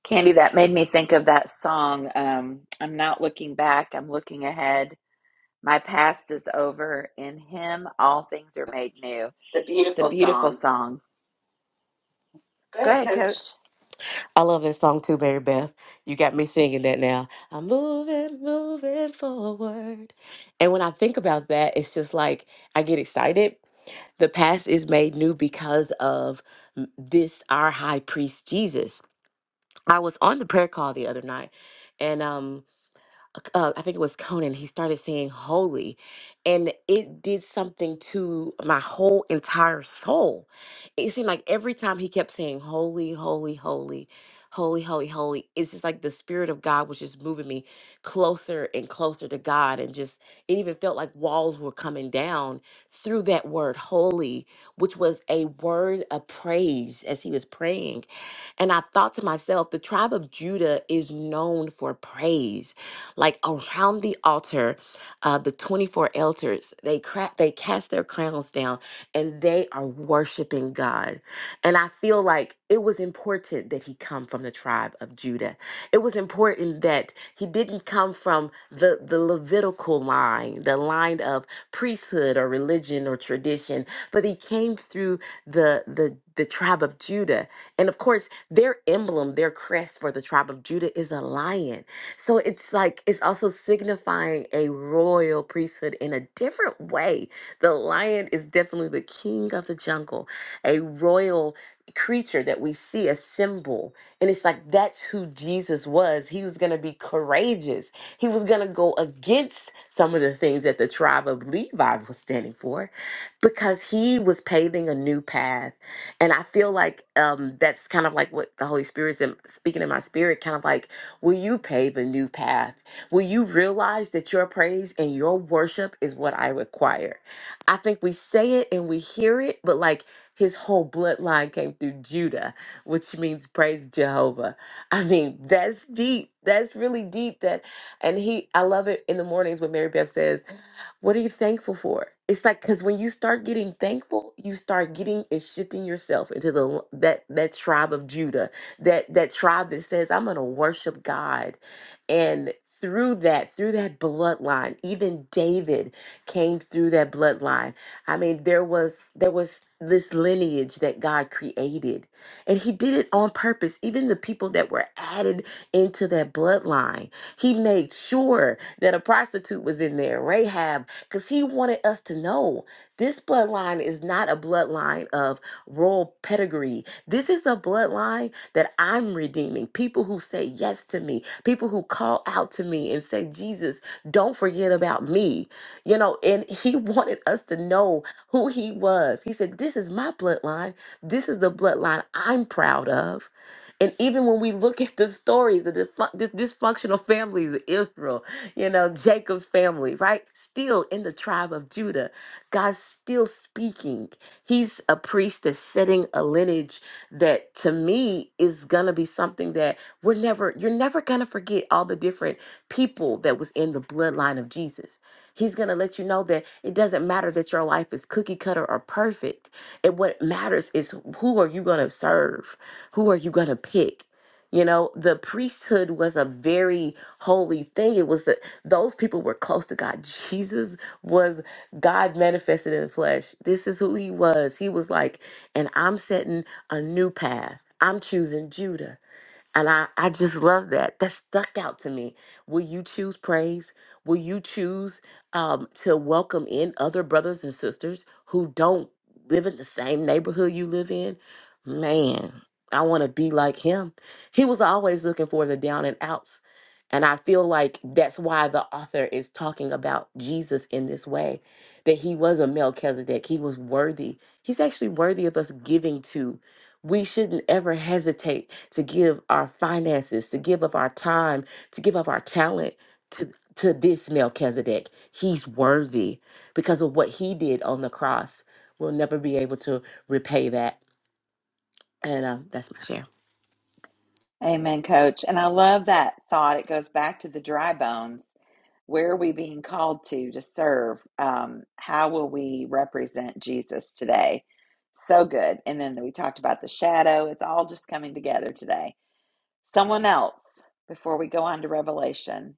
Candy, that made me think of that song. Um, I'm not looking back, I'm looking ahead. My past is over. In Him, all things are made new. It's The a beautiful beautiful song. song. Go Go ahead, ahead, coach. Coach. I love that song too, Mary Beth. You got me singing that now. I'm moving, moving forward. And when I think about that, it's just like I get excited. The past is made new because of m- this, our high priest Jesus. I was on the prayer call the other night, and um, uh, I think it was Conan, he started saying holy. And it did something to my whole entire soul. It seemed like every time he kept saying holy, holy, holy, holy, holy, holy, it's just like the Spirit of God was just moving me closer and closer to God. And just, it even felt like walls were coming down through that word holy, which was a word of praise as he was praying and I thought to myself, the tribe of Judah is known for praise. Like around the altar, uh, the 24 elders, they, cra- they cast their crowns down and they are worshiping God. And I feel like it was important that he come from the tribe of Judah. It was important that he didn't come from the, the Levitical line, the line of priesthood or religion or tradition, but he came through the the the tribe of Judah and of course, their emblem, their crest for the tribe of Judah is a lion. So it's like, it's also signifying a royal priesthood in a different way. The lion is definitely the king of the jungle, a royal creature that we see, a symbol. And it's like, that's who Jesus was. He was going to be courageous, he was going to go against some of the things that the tribe of Levi was standing for because he was paving a new path and I feel like um, that's kind of like what the Holy Spirit's in, speaking in my spirit, kind of like, will you pave a new path? Will you realize that your praise and your worship is what I require? I think we say it and we hear it, but like his whole bloodline came through Judah, which means praise Jehovah. I mean, that's deep. That's really deep. That, and he, I love it in the mornings when Mary Beth says, what are you thankful for? It's like because when you start getting thankful, you start getting and shifting yourself into the l- that that tribe of Judah, that that tribe that says, "I'm going to worship God," and through that, through that bloodline, even David came through that bloodline. I mean, there was there was this lineage that God created, and He did it on purpose. Even the people that were added into that bloodline, He made sure that a prostitute was in there, Rahab because he wanted us to know this bloodline is not a bloodline of royal pedigree. This is a bloodline that I'm redeeming. People who say yes to me, people who call out to me and say, Jesus, don't forget about me. You know, and he wanted us to know who he was. He said, This is my bloodline. This is the bloodline I'm proud of. And even when we look at the stories, the disfun- dis- dysfunctional families of Israel, you know, Jacob's family, right? Still in the tribe of Judah. God's still speaking. He's a priest that's setting a lineage that to me is gonna be something that we're never, you're never gonna forget all the different people that was in the bloodline of Jesus. He's gonna let you know that it doesn't matter that your life is cookie cutter or perfect. And what matters is who are you gonna serve? Who are you gonna pick? You know, the priesthood was a very holy thing. It was the those people were close to God. Jesus was God manifested in the flesh. This is who he was. He was like, and I'm setting a new path. I'm choosing Judah. And I, I just love that. That stuck out to me. Will you choose praise? Will you choose um, to welcome in other brothers and sisters who don't live in the same neighborhood you live in? Man, I want to be like him. He was always looking for the down and outs. And I feel like that's why the author is talking about Jesus in this way that he was a Melchizedek. He was worthy. He's actually worthy of us giving to. We shouldn't ever hesitate to give our finances, to give of our time, to give of our talent to, to this Melchizedek. He's worthy because of what he did on the cross. We'll never be able to repay that. And uh, that's my share. Amen, Coach. And I love that thought. It goes back to the dry bones. Where are we being called to to serve? Um, how will we represent Jesus today? So good. And then we talked about the shadow. It's all just coming together today. Someone else, before we go on to Revelation,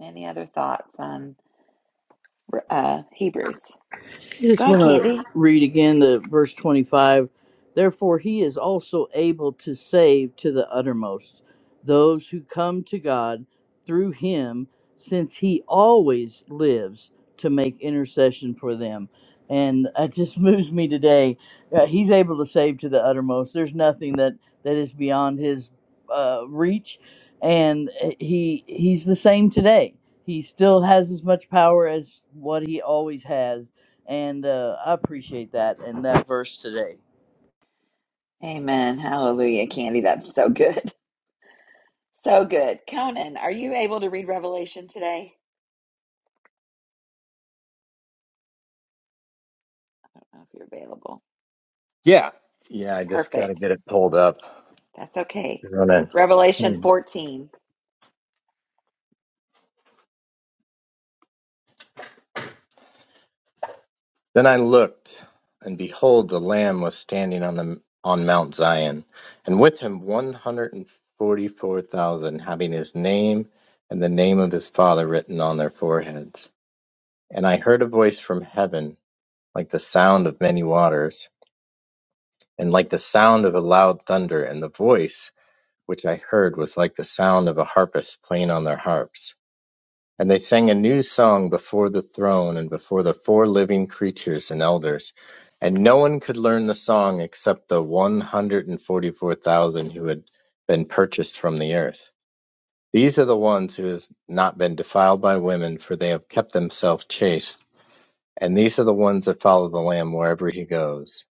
Any other thoughts on uh, Hebrews? I Go just want ahead, to Candy. read again the verse 25. Therefore, he is also able to save to the uttermost those who come to God through him, since he always lives to make intercession for them. And it just moves me today. Uh, he's able to save to the uttermost. There's nothing that, that is beyond his uh, reach. And uh, he he's the same today. He still has as much power as what he always has and uh, I appreciate that and that verse today. Amen. Hallelujah, Candy. That's so good. So good. Conan, are you able to read Revelation today? I don't know if you're available. Yeah. Yeah, I just got to Perfect. get it pulled up. That's okay. and Running. Revelation Hmm. 14. Then I looked, and behold, the Lamb was standing on the on Mount Zion, and with him 144,000, having his name and the name of his Father written on their foreheads. And I heard a voice from heaven, like the sound of many waters, and like the sound of a loud thunder, and the voice which I heard was like the sound of a harpist playing on their harps. And they sang a new song before the throne and before the four living creatures and elders. And no one could learn the song except the 144,000 who had been purchased from the earth. These are the ones who have not been defiled by women, for they have kept themselves chaste. And these are the ones that follow the Lamb wherever he goes.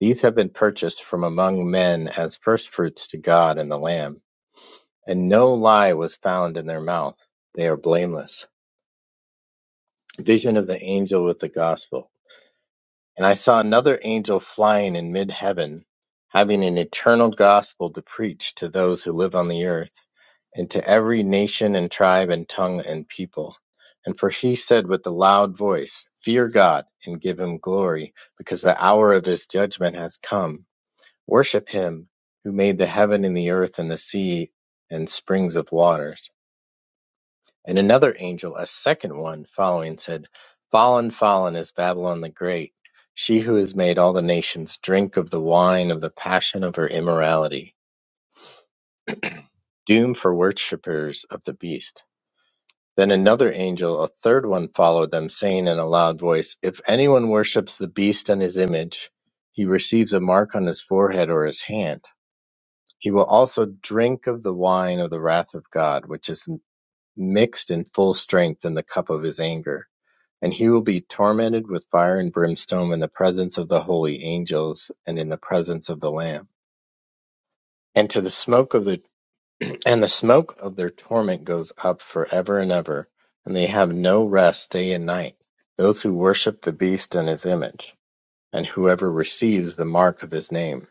These have been purchased from among men as firstfruits to God and the Lamb. And no lie was found in their mouth. They are blameless. Vision of the angel with the gospel. And I saw another angel flying in mid heaven, having an eternal gospel to preach to those who live on the earth, and to every nation and tribe and tongue and people. And for he said with a loud voice, Fear God and give him glory, because the hour of his judgment has come. Worship him who made the heaven and the earth and the sea and springs of waters. And another angel, a second one, following, said, Fallen, fallen is Babylon the Great, she who has made all the nations drink of the wine of the passion of her immorality. Doom for worshippers of the beast. Then another angel, a third one, followed them, saying in a loud voice, If anyone worships the beast and his image, he receives a mark on his forehead or his hand. He will also drink of the wine of the wrath of God, which is mixed in full strength in the cup of his anger And he will be tormented with fire and brimstone in the presence of the holy angels and in the presence of the Lamb. And to the smoke of the and the smoke of their torment goes up forever and ever, and they have no rest day and night, those who worship the beast and his image, and whoever receives the mark of his name.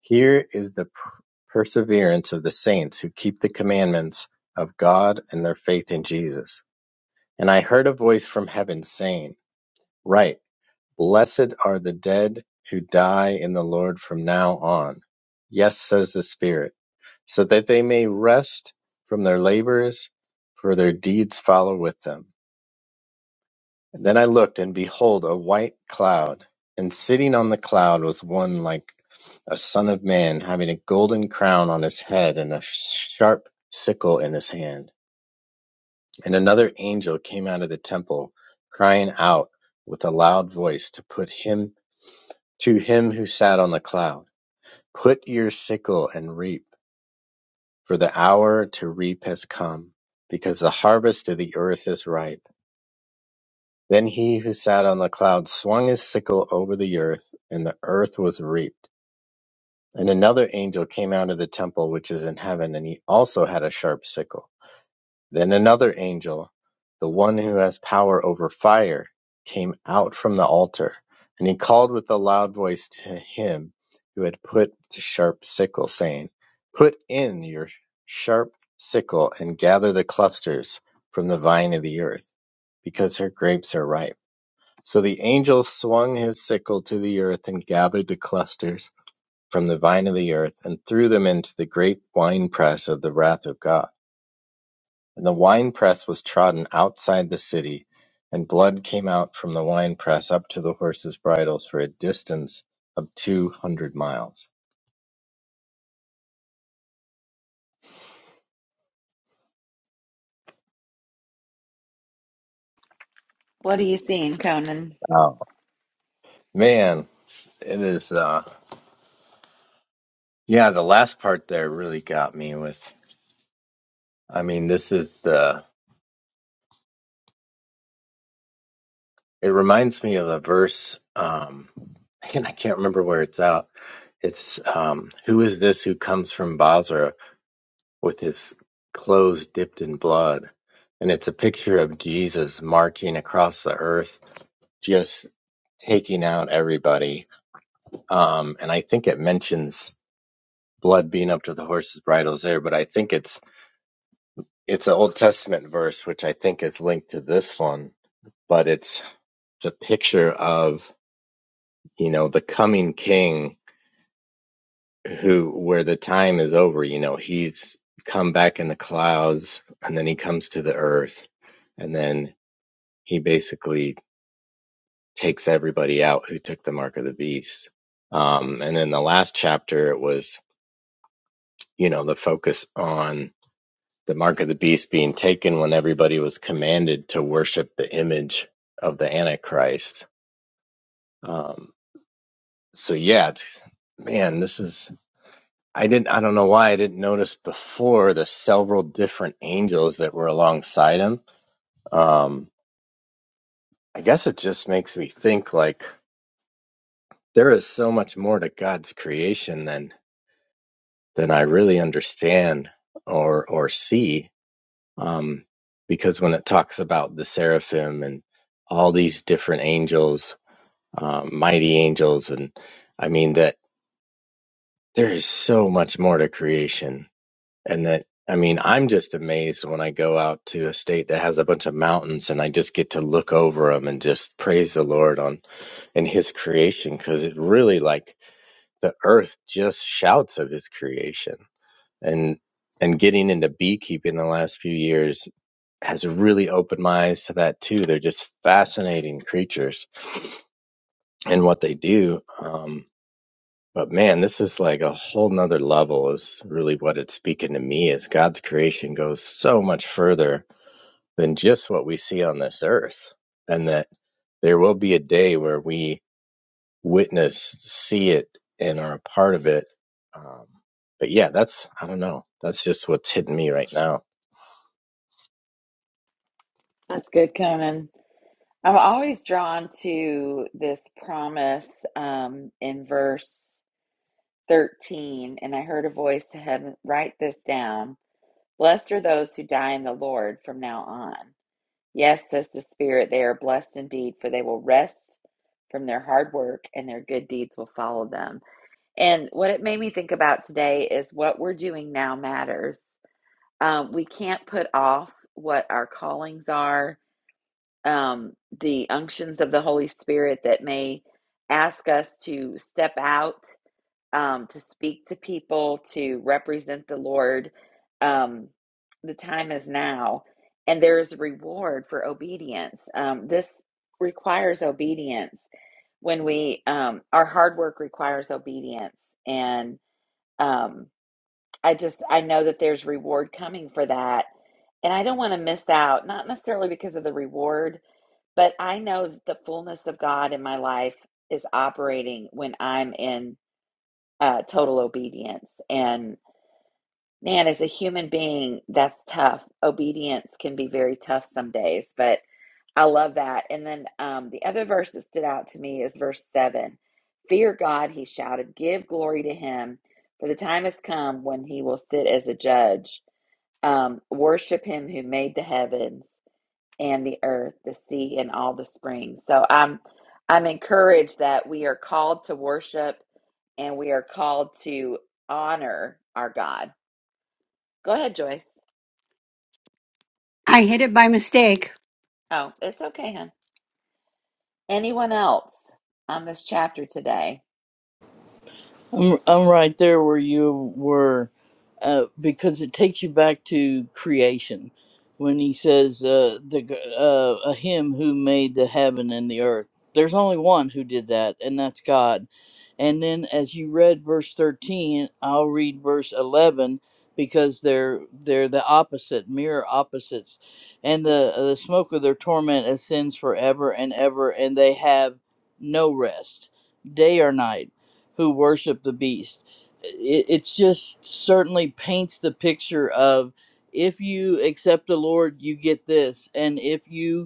Here is the per- perseverance of the saints who keep the commandments of God and their faith in Jesus. And I heard a voice from heaven saying, Write Blessed are the dead who die in the Lord from now on. Yes, says the Spirit, so that they may rest from their labors, for their deeds follow with them. And then I looked, and behold, a white cloud, and sitting on the cloud was one like a son of man, having a golden crown on his head and a sharp sickle in his hand. And another angel came out of the temple, crying out with a loud voice to put him To him who sat on the cloud, put your sickle and reap, for the hour to reap has come, because the harvest of the earth is ripe. Then he who sat on the cloud swung his sickle over the earth, and the earth was reaped. And another angel came out of the temple which is in heaven, and he also had a sharp sickle. Then another angel, the one who has power over fire, came out from the altar, and he called with a loud voice to him who had put the sharp sickle, saying, Put in your sharp sickle and gather the clusters from the vine of the earth, because her grapes are ripe. So the angel swung his sickle to the earth and gathered the clusters from the vine of the earth and threw them into the great winepress of the wrath of God. And the winepress was trodden outside the city, and blood came out from the winepress up to the horses' bridles for a distance of two hundred miles. What are you seeing, Conan? Wow, man, it is. uh Yeah, the last part there really got me. With, I mean, this is the. It reminds me of a verse, um, and I can't remember where it's out. It's um, who is this who comes from Basra with his clothes dipped in blood. And it's a picture of Jesus marching across the earth, just taking out everybody. Um, and I think it mentions blood being up to the horses' bridles there, but I think it's it's an Old Testament verse, which I think is linked to this one. But it's it's a picture of you know the coming King, who where the time is over. You know he's come back in the clouds, and then he comes to the earth, and then he basically takes everybody out who took the mark of the beast. Um, and then the last chapter, it was, you know, the focus on the mark of the beast being taken when everybody was commanded to worship the image of the Antichrist. Um, so yeah, it's- man, this is, I didn't, I don't know why I didn't notice before the several different angels that were alongside him. Um, I guess it just makes me think like there is so much more to God's creation than than I really understand or or see. Um, because when it talks about the seraphim and all these different angels, um, mighty angels, and I mean that there is so much more to creation, and that I mean I'm just amazed when I go out to a state that has a bunch of mountains and I just get to look over them and just praise the Lord on in His creation because it really like the earth just shouts of His creation and and getting into beekeeping the last few years has really opened my eyes to that too. They're just fascinating creatures and what they do. Um, but man, this is like a whole nother level is really what it's speaking to me is God's creation goes so much further than just what we see on this earth. And that there will be a day where we witness, see it and are a part of it. Um, but yeah, that's, I don't know. That's just what's hitting me right now. That's good, Conan. I'm always drawn to this promise um, in verse 13. And I heard a voice to heaven, write this down Blessed are those who die in the Lord from now on. Yes, says the Spirit, they are blessed indeed, for they will rest from their hard work and their good deeds will follow them. And what it made me think about today is what we're doing now matters. Um, we can't put off what our callings are, um, the unctions of the Holy Spirit that may ask us to step out um, to speak to people, to represent the Lord. Um, the time is now, and there is a reward for obedience. Um, this requires obedience. When we, um, our hard work requires obedience, and um, I just I know that there's reward coming for that, and I don't want to miss out. Not necessarily because of the reward, but I know that the fullness of God in my life is operating when I'm in uh, total obedience. And man, as a human being, that's tough. Obedience can be very tough some days, but I love that. And then um, the other verse that stood out to me is verse seven Fear God, he shouted, give glory to him, for the time has come when he will sit as a judge. Um, worship him who made the heavens and the earth, the sea, and all the springs. So I'm I'm encouraged that we are called to worship and we are called to honor our God. Go ahead, Joyce. I hit it by mistake. Oh, it's okay, hon. Anyone else on this chapter today? I'm, I'm right there where you were uh, because it takes you back to creation when he says uh, the g- uh, a him who made the heaven and the earth there's only one who did that and that's god and then as you read verse 13 i'll read verse 11 because they're they're the opposite mirror opposites and the uh, the smoke of their torment ascends forever and ever and they have no rest day or night who worship the beast. It, it just certainly paints the picture of if you accept the Lord, you get this, and if you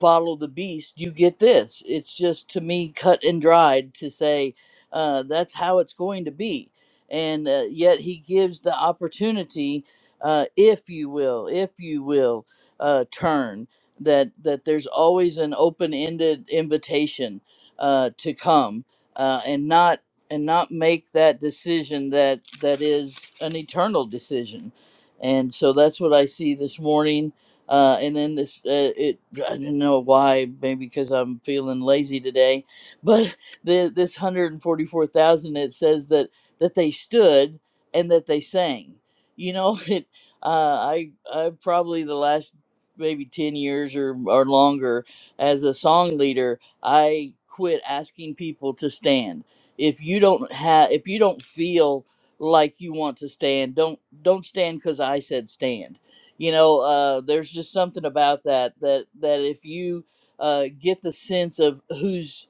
follow the beast, you get this. It's just to me cut and dried to say uh, that's how it's going to be. And uh, yet he gives the opportunity, uh, if you will, if you will uh, turn, that, that there's always an open ended invitation uh, to come uh, and not and not make that decision that that is an eternal decision and so that's what i see this morning uh, and then this, uh, it, I don't know why, maybe because I'm feeling lazy today, but the, this 144,000, it says that, that they stood and that they sang. You know, it, uh, I, I probably the last maybe 10 years or, or longer as a song leader, I quit asking people to stand. If you don't have, if you don't feel like you want to stand, don't, don't stand because I said stand you know uh, there's just something about that that that if you uh, get the sense of who's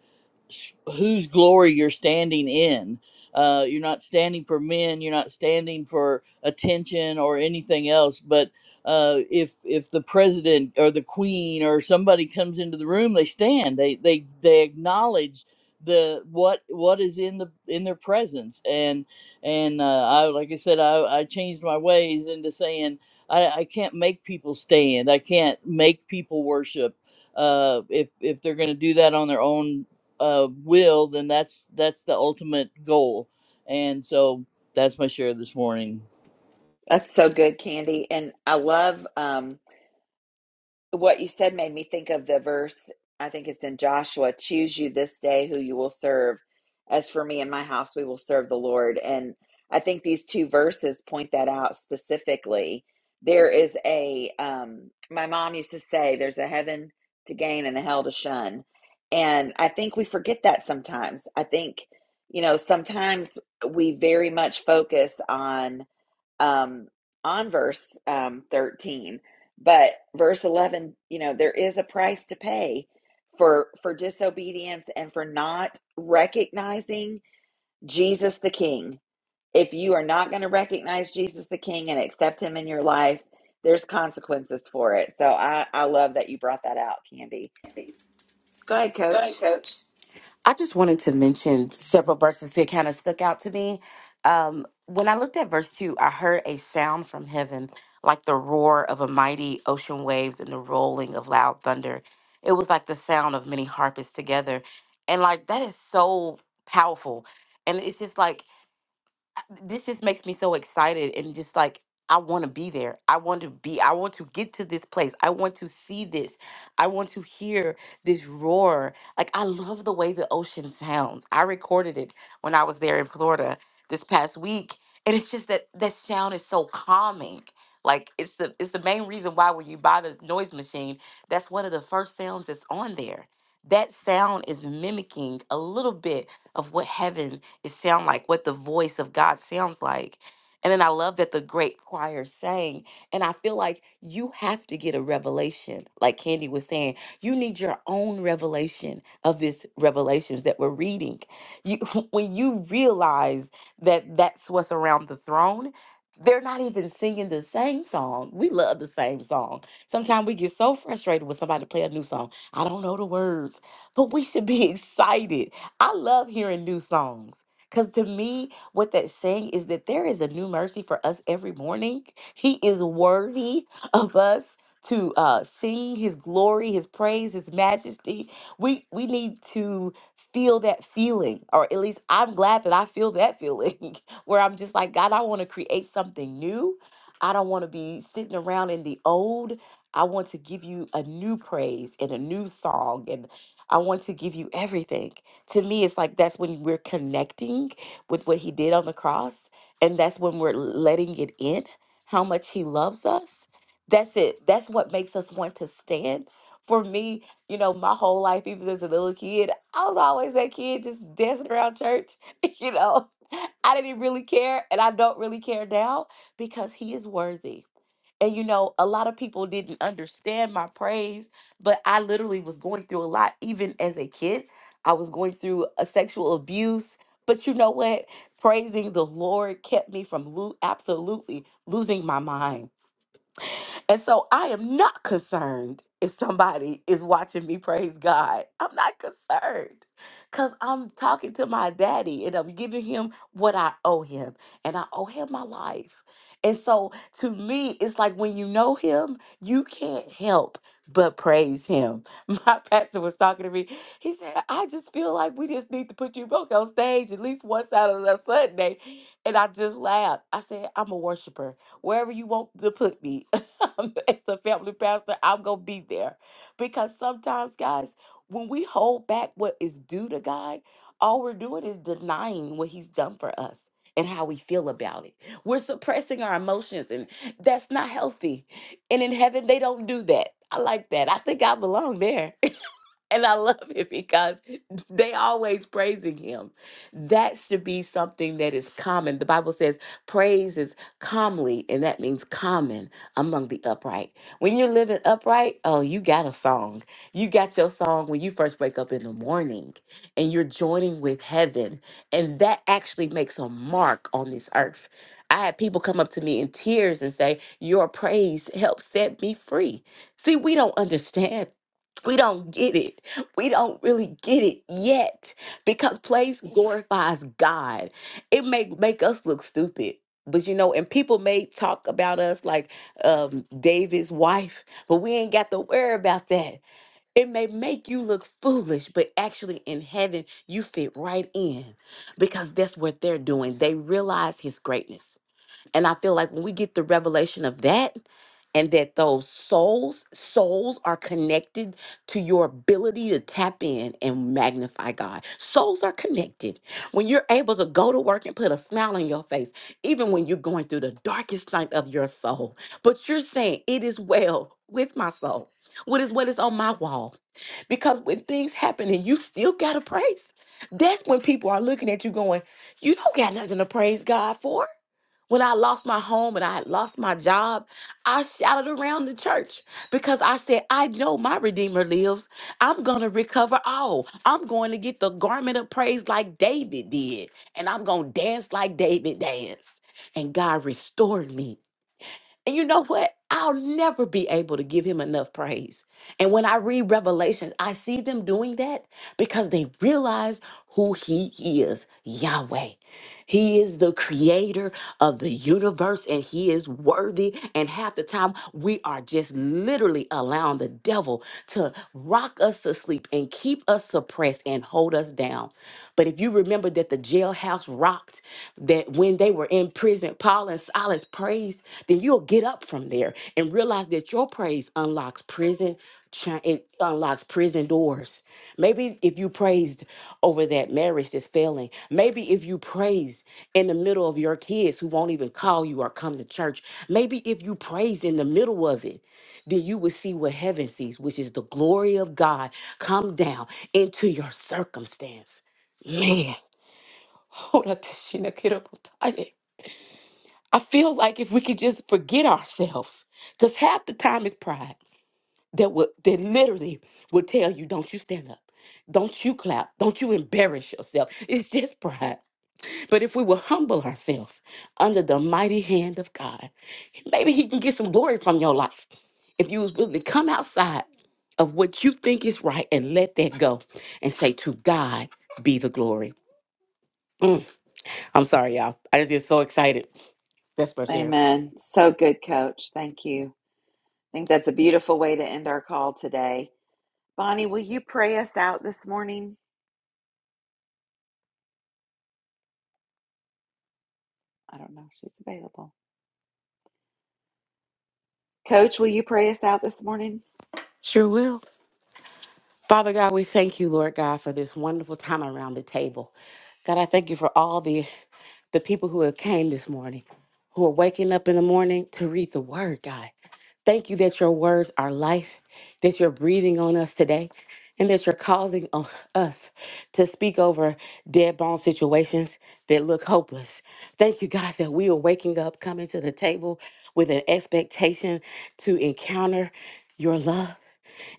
whose glory you're standing in. Uh, you're not standing for men. You're not standing for attention or anything else. But uh, if if the president or the queen or somebody comes into the room, they stand. They they they acknowledge the what what is in the in their presence. And and uh, I like I said, I, I changed my ways into saying I, I can't make people stand. I can't make people worship uh, if if they're going to do that on their own uh, will, then that's that's the ultimate goal. And so that's my share this morning. That's so good, Candy. And I love um, what you said made me think of the verse, I think it's in Joshua, choose you this day who you will serve. As for me and my house, we will serve the Lord. And I think these two verses point that out specifically. There is a, um, my mom used to say, there's a heaven to gain and a hell to shun. And I think we forget that sometimes. I think, you know, sometimes we very much focus on um, on verse um, 13 but verse 11 you know there is a price to pay for for disobedience and for not recognizing jesus the king if you are not going to recognize jesus the king and accept him in your life there's consequences for it so i i love that you brought that out candy go ahead Go coach ahead, coach. I just wanted to mention several verses that kind of stuck out to me. Um, when I looked at verse 2, I heard a sound from heaven, like the roar of a mighty ocean waves and the rolling of loud thunder. It was like the sound of many harpists together. And like that is so powerful. And it's just like this just makes me so excited and just like I want to be there. I want to be I want to get to this place. I want to see this. I want to hear this roar. Like I love the way the ocean sounds. I recorded it when I was there in Florida this past week and it's just that that sound is so calming. Like it's the it's the main reason why when you buy the noise machine, that's one of the first sounds that's on there. That sound is mimicking a little bit of what heaven it sound like what the voice of god sounds like and then i love that the great choir sang and i feel like you have to get a revelation like candy was saying you need your own revelation of this revelations that we're reading you when you realize that that's what's around the throne they're not even singing the same song. We love the same song. Sometimes we get so frustrated when somebody play a new song. I don't know the words, but we should be excited. I love hearing new songs. Because to me, what that's saying is that there is a new mercy for us every morning. He is worthy of us to uh, sing His glory, His praise, His majesty. We we need to feel that feeling, or at least I'm glad that I feel that feeling, where I'm just like God. I want to create something new. I don't want to be sitting around in the old. I want to give you a new praise and a new song, and I want to give you everything to me it's like that's when we're connecting with what he did on the cross and that's when we're letting it in how much he loves us that's it that's what makes us want to stand for me you know my whole life even as a little kid i was always that kid just dancing around church you know i didn't really care and i don't really care now because he is worthy and you know, a lot of people didn't understand my praise, but I literally was going through a lot, even as a kid. I was going through a sexual abuse. But you know what? Praising the Lord kept me from lo- absolutely losing my mind and so I am not concerned if somebody is watching me praise God. I'm not concerned because I'm talking to my daddy and I'm giving him what I owe him. And I owe him my life. And so to me, it's like when you know him, you can't help but praise him. My pastor was talking to me. He said, I just feel like we just need to put you both on stage at least one Saturday or Sunday. And I just laughed. I said, I'm a worshiper wherever you want to put me. as the family pastor, I'm going to be there. Because sometimes, guys, when we hold back what is due to God, all we're doing is denying what He's done for us and how we feel about it. We're suppressing our emotions, and that's not healthy. And in heaven, they don't do that. I like that. I think I belong there and I love it because they always praising him. That should be something that is common. The Bible says praise is commonly, and that means common among the upright. When you're living upright, oh, you got a song. You got your song when you first wake up in the morning and you're joining with heaven. And that actually makes a mark on this earth. I had people come up to me in tears and say, Your praise helped set me free. See, we don't understand we don't get it we don't really get it yet because place glorifies God. It may make us look stupid. But you know, and people may talk about us like um, David's wife, but we ain't got to worry about that. It may make you look foolish, but actually in heaven, you fit right in because that's what they're doing. They realize his greatness and I feel like when we get the revelation of that, and that those souls souls are connected to your ability to tap in and magnify God. Souls are connected. When you're able to go to work and put a smile on your face, even when you're going through the darkest night of your soul, but you're saying it is well with my soul. What is what is on my wall? Because when things happen and you still got to praise, that's when people are looking at you going, "You don't got nothing to praise God for." When I lost my home and I had lost my job, I shouted around the church because I said, I know my Redeemer lives. I'm going to recover all. I'm going to get the garment of praise like David did, and I'm going to dance like David danced. And God restored me. And you know what? I'll never be able to give him enough praise. And when I read Revelations, I see them doing that because they realize who he is Yahweh. He is the creator of the universe, and He is worthy. And half the time, we are just literally allowing the devil to rock us to sleep and keep us suppressed and hold us down. But if you remember that the jailhouse rocked, that when they were in prison, Paul and Silas praised, then you'll get up from there and realize that your praise unlocks prison Chi- It unlocks prison doors. Maybe if you praised over that marriage that's failing, maybe if you praised in the middle of your kids who won't even call you or come to church, maybe if you praised in the middle of it, then you will see what heaven sees, which is the glory of God come down into your circumstance. Man, hold up, Tashina, get up, I'm tired. I feel like if we could just forget ourselves, because half the time it's pride that would that literally would tell you, don't you stand up. Don't you clap. Don't you embarrass yourself. It's just pride. But if we will humble ourselves under the mighty hand of God, maybe He can get some glory from your life. If you was willing to come outside of what you think is right and let that go and say, To God be the glory. Mm, I'm sorry, y'all. I just get so excited. That's my share. amen so good coach thank you i think that's a beautiful way to end our call today bonnie will you pray us out this morning I don't know if she's available. Coach, will you pray us out this morning? Sure will. Father God, we thank you, Lord God, for this wonderful time around the table. God, I thank you for all the the people who have came this morning, who are waking up in the morning to read the word, God. Thank you that your words are life, that you're breathing on us today, and that you're causing uh, us to speak over dead bone situations that look hopeless. Thank you, God, that we are waking up, coming to the table with an expectation to encounter your love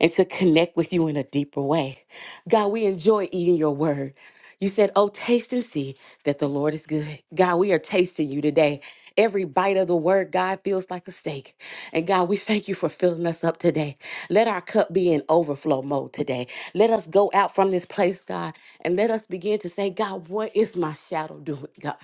and to connect with you in a deeper way. God, we enjoy eating your word. You said, Oh, taste and see that the Lord is good. God, we are tasting you today. Every bite of the word, God, feels like a steak. And God, we thank you for filling us up today. Let our cup be in overflow mode today. Let us go out from this place, God, and let us begin to say, God, what is my shadow doing, God?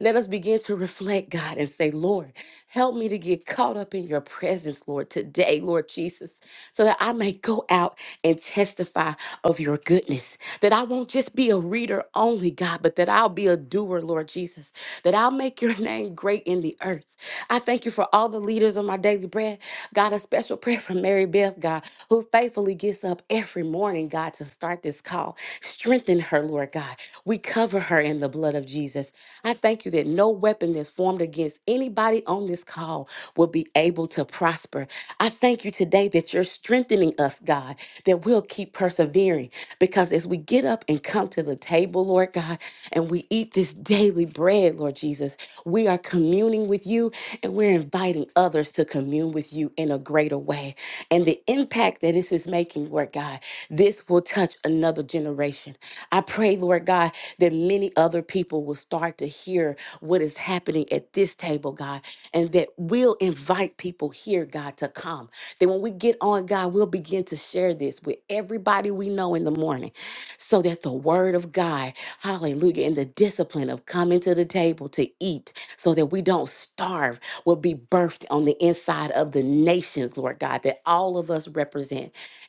Let us begin to to reflect, God, and say, Lord, help me to get caught up in your presence, Lord, today, Lord Jesus, so that I may go out and testify of your goodness. That I won't just be a reader only, God, but that I'll be a doer, Lord Jesus. That I'll make your name great in the earth. I thank you for all the leaders of my daily bread. God, a special prayer for Mary Beth, God, who faithfully gets up every morning morning, God, to start this call. Strengthen her, Lord God. We cover her in the blood of Jesus. I thank you that no weapon that's formed against anybody on this call will be able to prosper. I thank you today that you're strengthening us, God, that we'll keep persevering because as we get up and come to the table, Lord God, and we eat this daily bread, Lord Jesus, we are communing with you and we're inviting others to commune with you in a greater way. And the impact that this is making, Lord God. This will touch another generation. I pray, Lord God, that many other people will start to hear what is happening at this table, God, and that we'll invite people here, God, to come. That when we get on, God, we'll begin to share this with everybody we know in the morning so that the word of God, hallelujah, and the discipline of coming to the table to eat so that we don't starve will be birthed on the inside of the nations, Lord God, that all of us represent.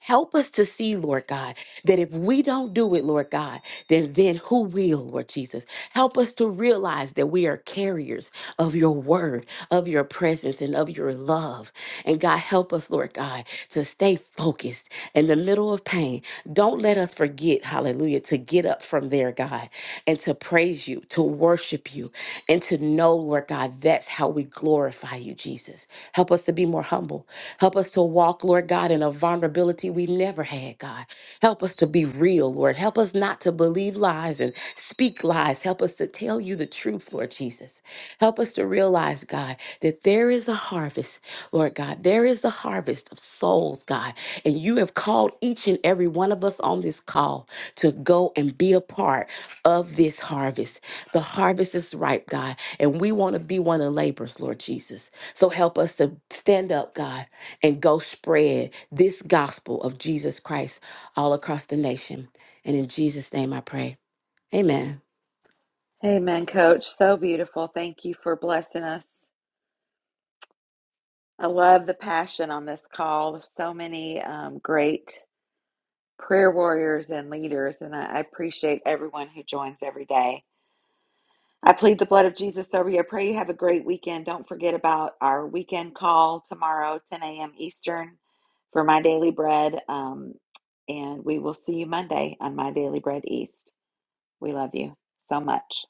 Help us to see, Lord God, that if we don't do it, Lord God, then then who will, Lord Jesus? Help us to realize that we are carriers of your word, of your presence, and of your love. And God, help us, Lord God, to stay focused in the middle of pain. Don't let us forget, hallelujah, to get up from there, God, and to praise you, to worship you, and to know, Lord God, that's how we glorify you, Jesus. Help us to be more humble. Help us to walk, Lord God, in a vulnerability we never had, God. Help us to be real, Lord. Help us not to believe lies and speak lies. Help us to tell you the truth, Lord Jesus. Help us to realize, God, that there is a harvest, Lord God. There is a harvest of souls, God. And you have called each and every one of us on this call to go and be a part of this harvest. The harvest is ripe, God, and we want to be one of the laborers, Lord Jesus. So help us to stand up, God, and go spread this gospel of Jesus Christ all across the nation. And in Jesus' name I pray. Amen. Amen, Coach. So beautiful. Thank you for blessing us. I love the passion on this call. There's so many um, great prayer warriors and leaders, and I, I appreciate everyone who joins every day. I plead the blood of Jesus over you. I pray you have a great weekend. Don't forget about our weekend call tomorrow, 10 a.m. Eastern, for My Daily Bread. Um, and we will see you Monday on My Daily Bread East. We love you so much.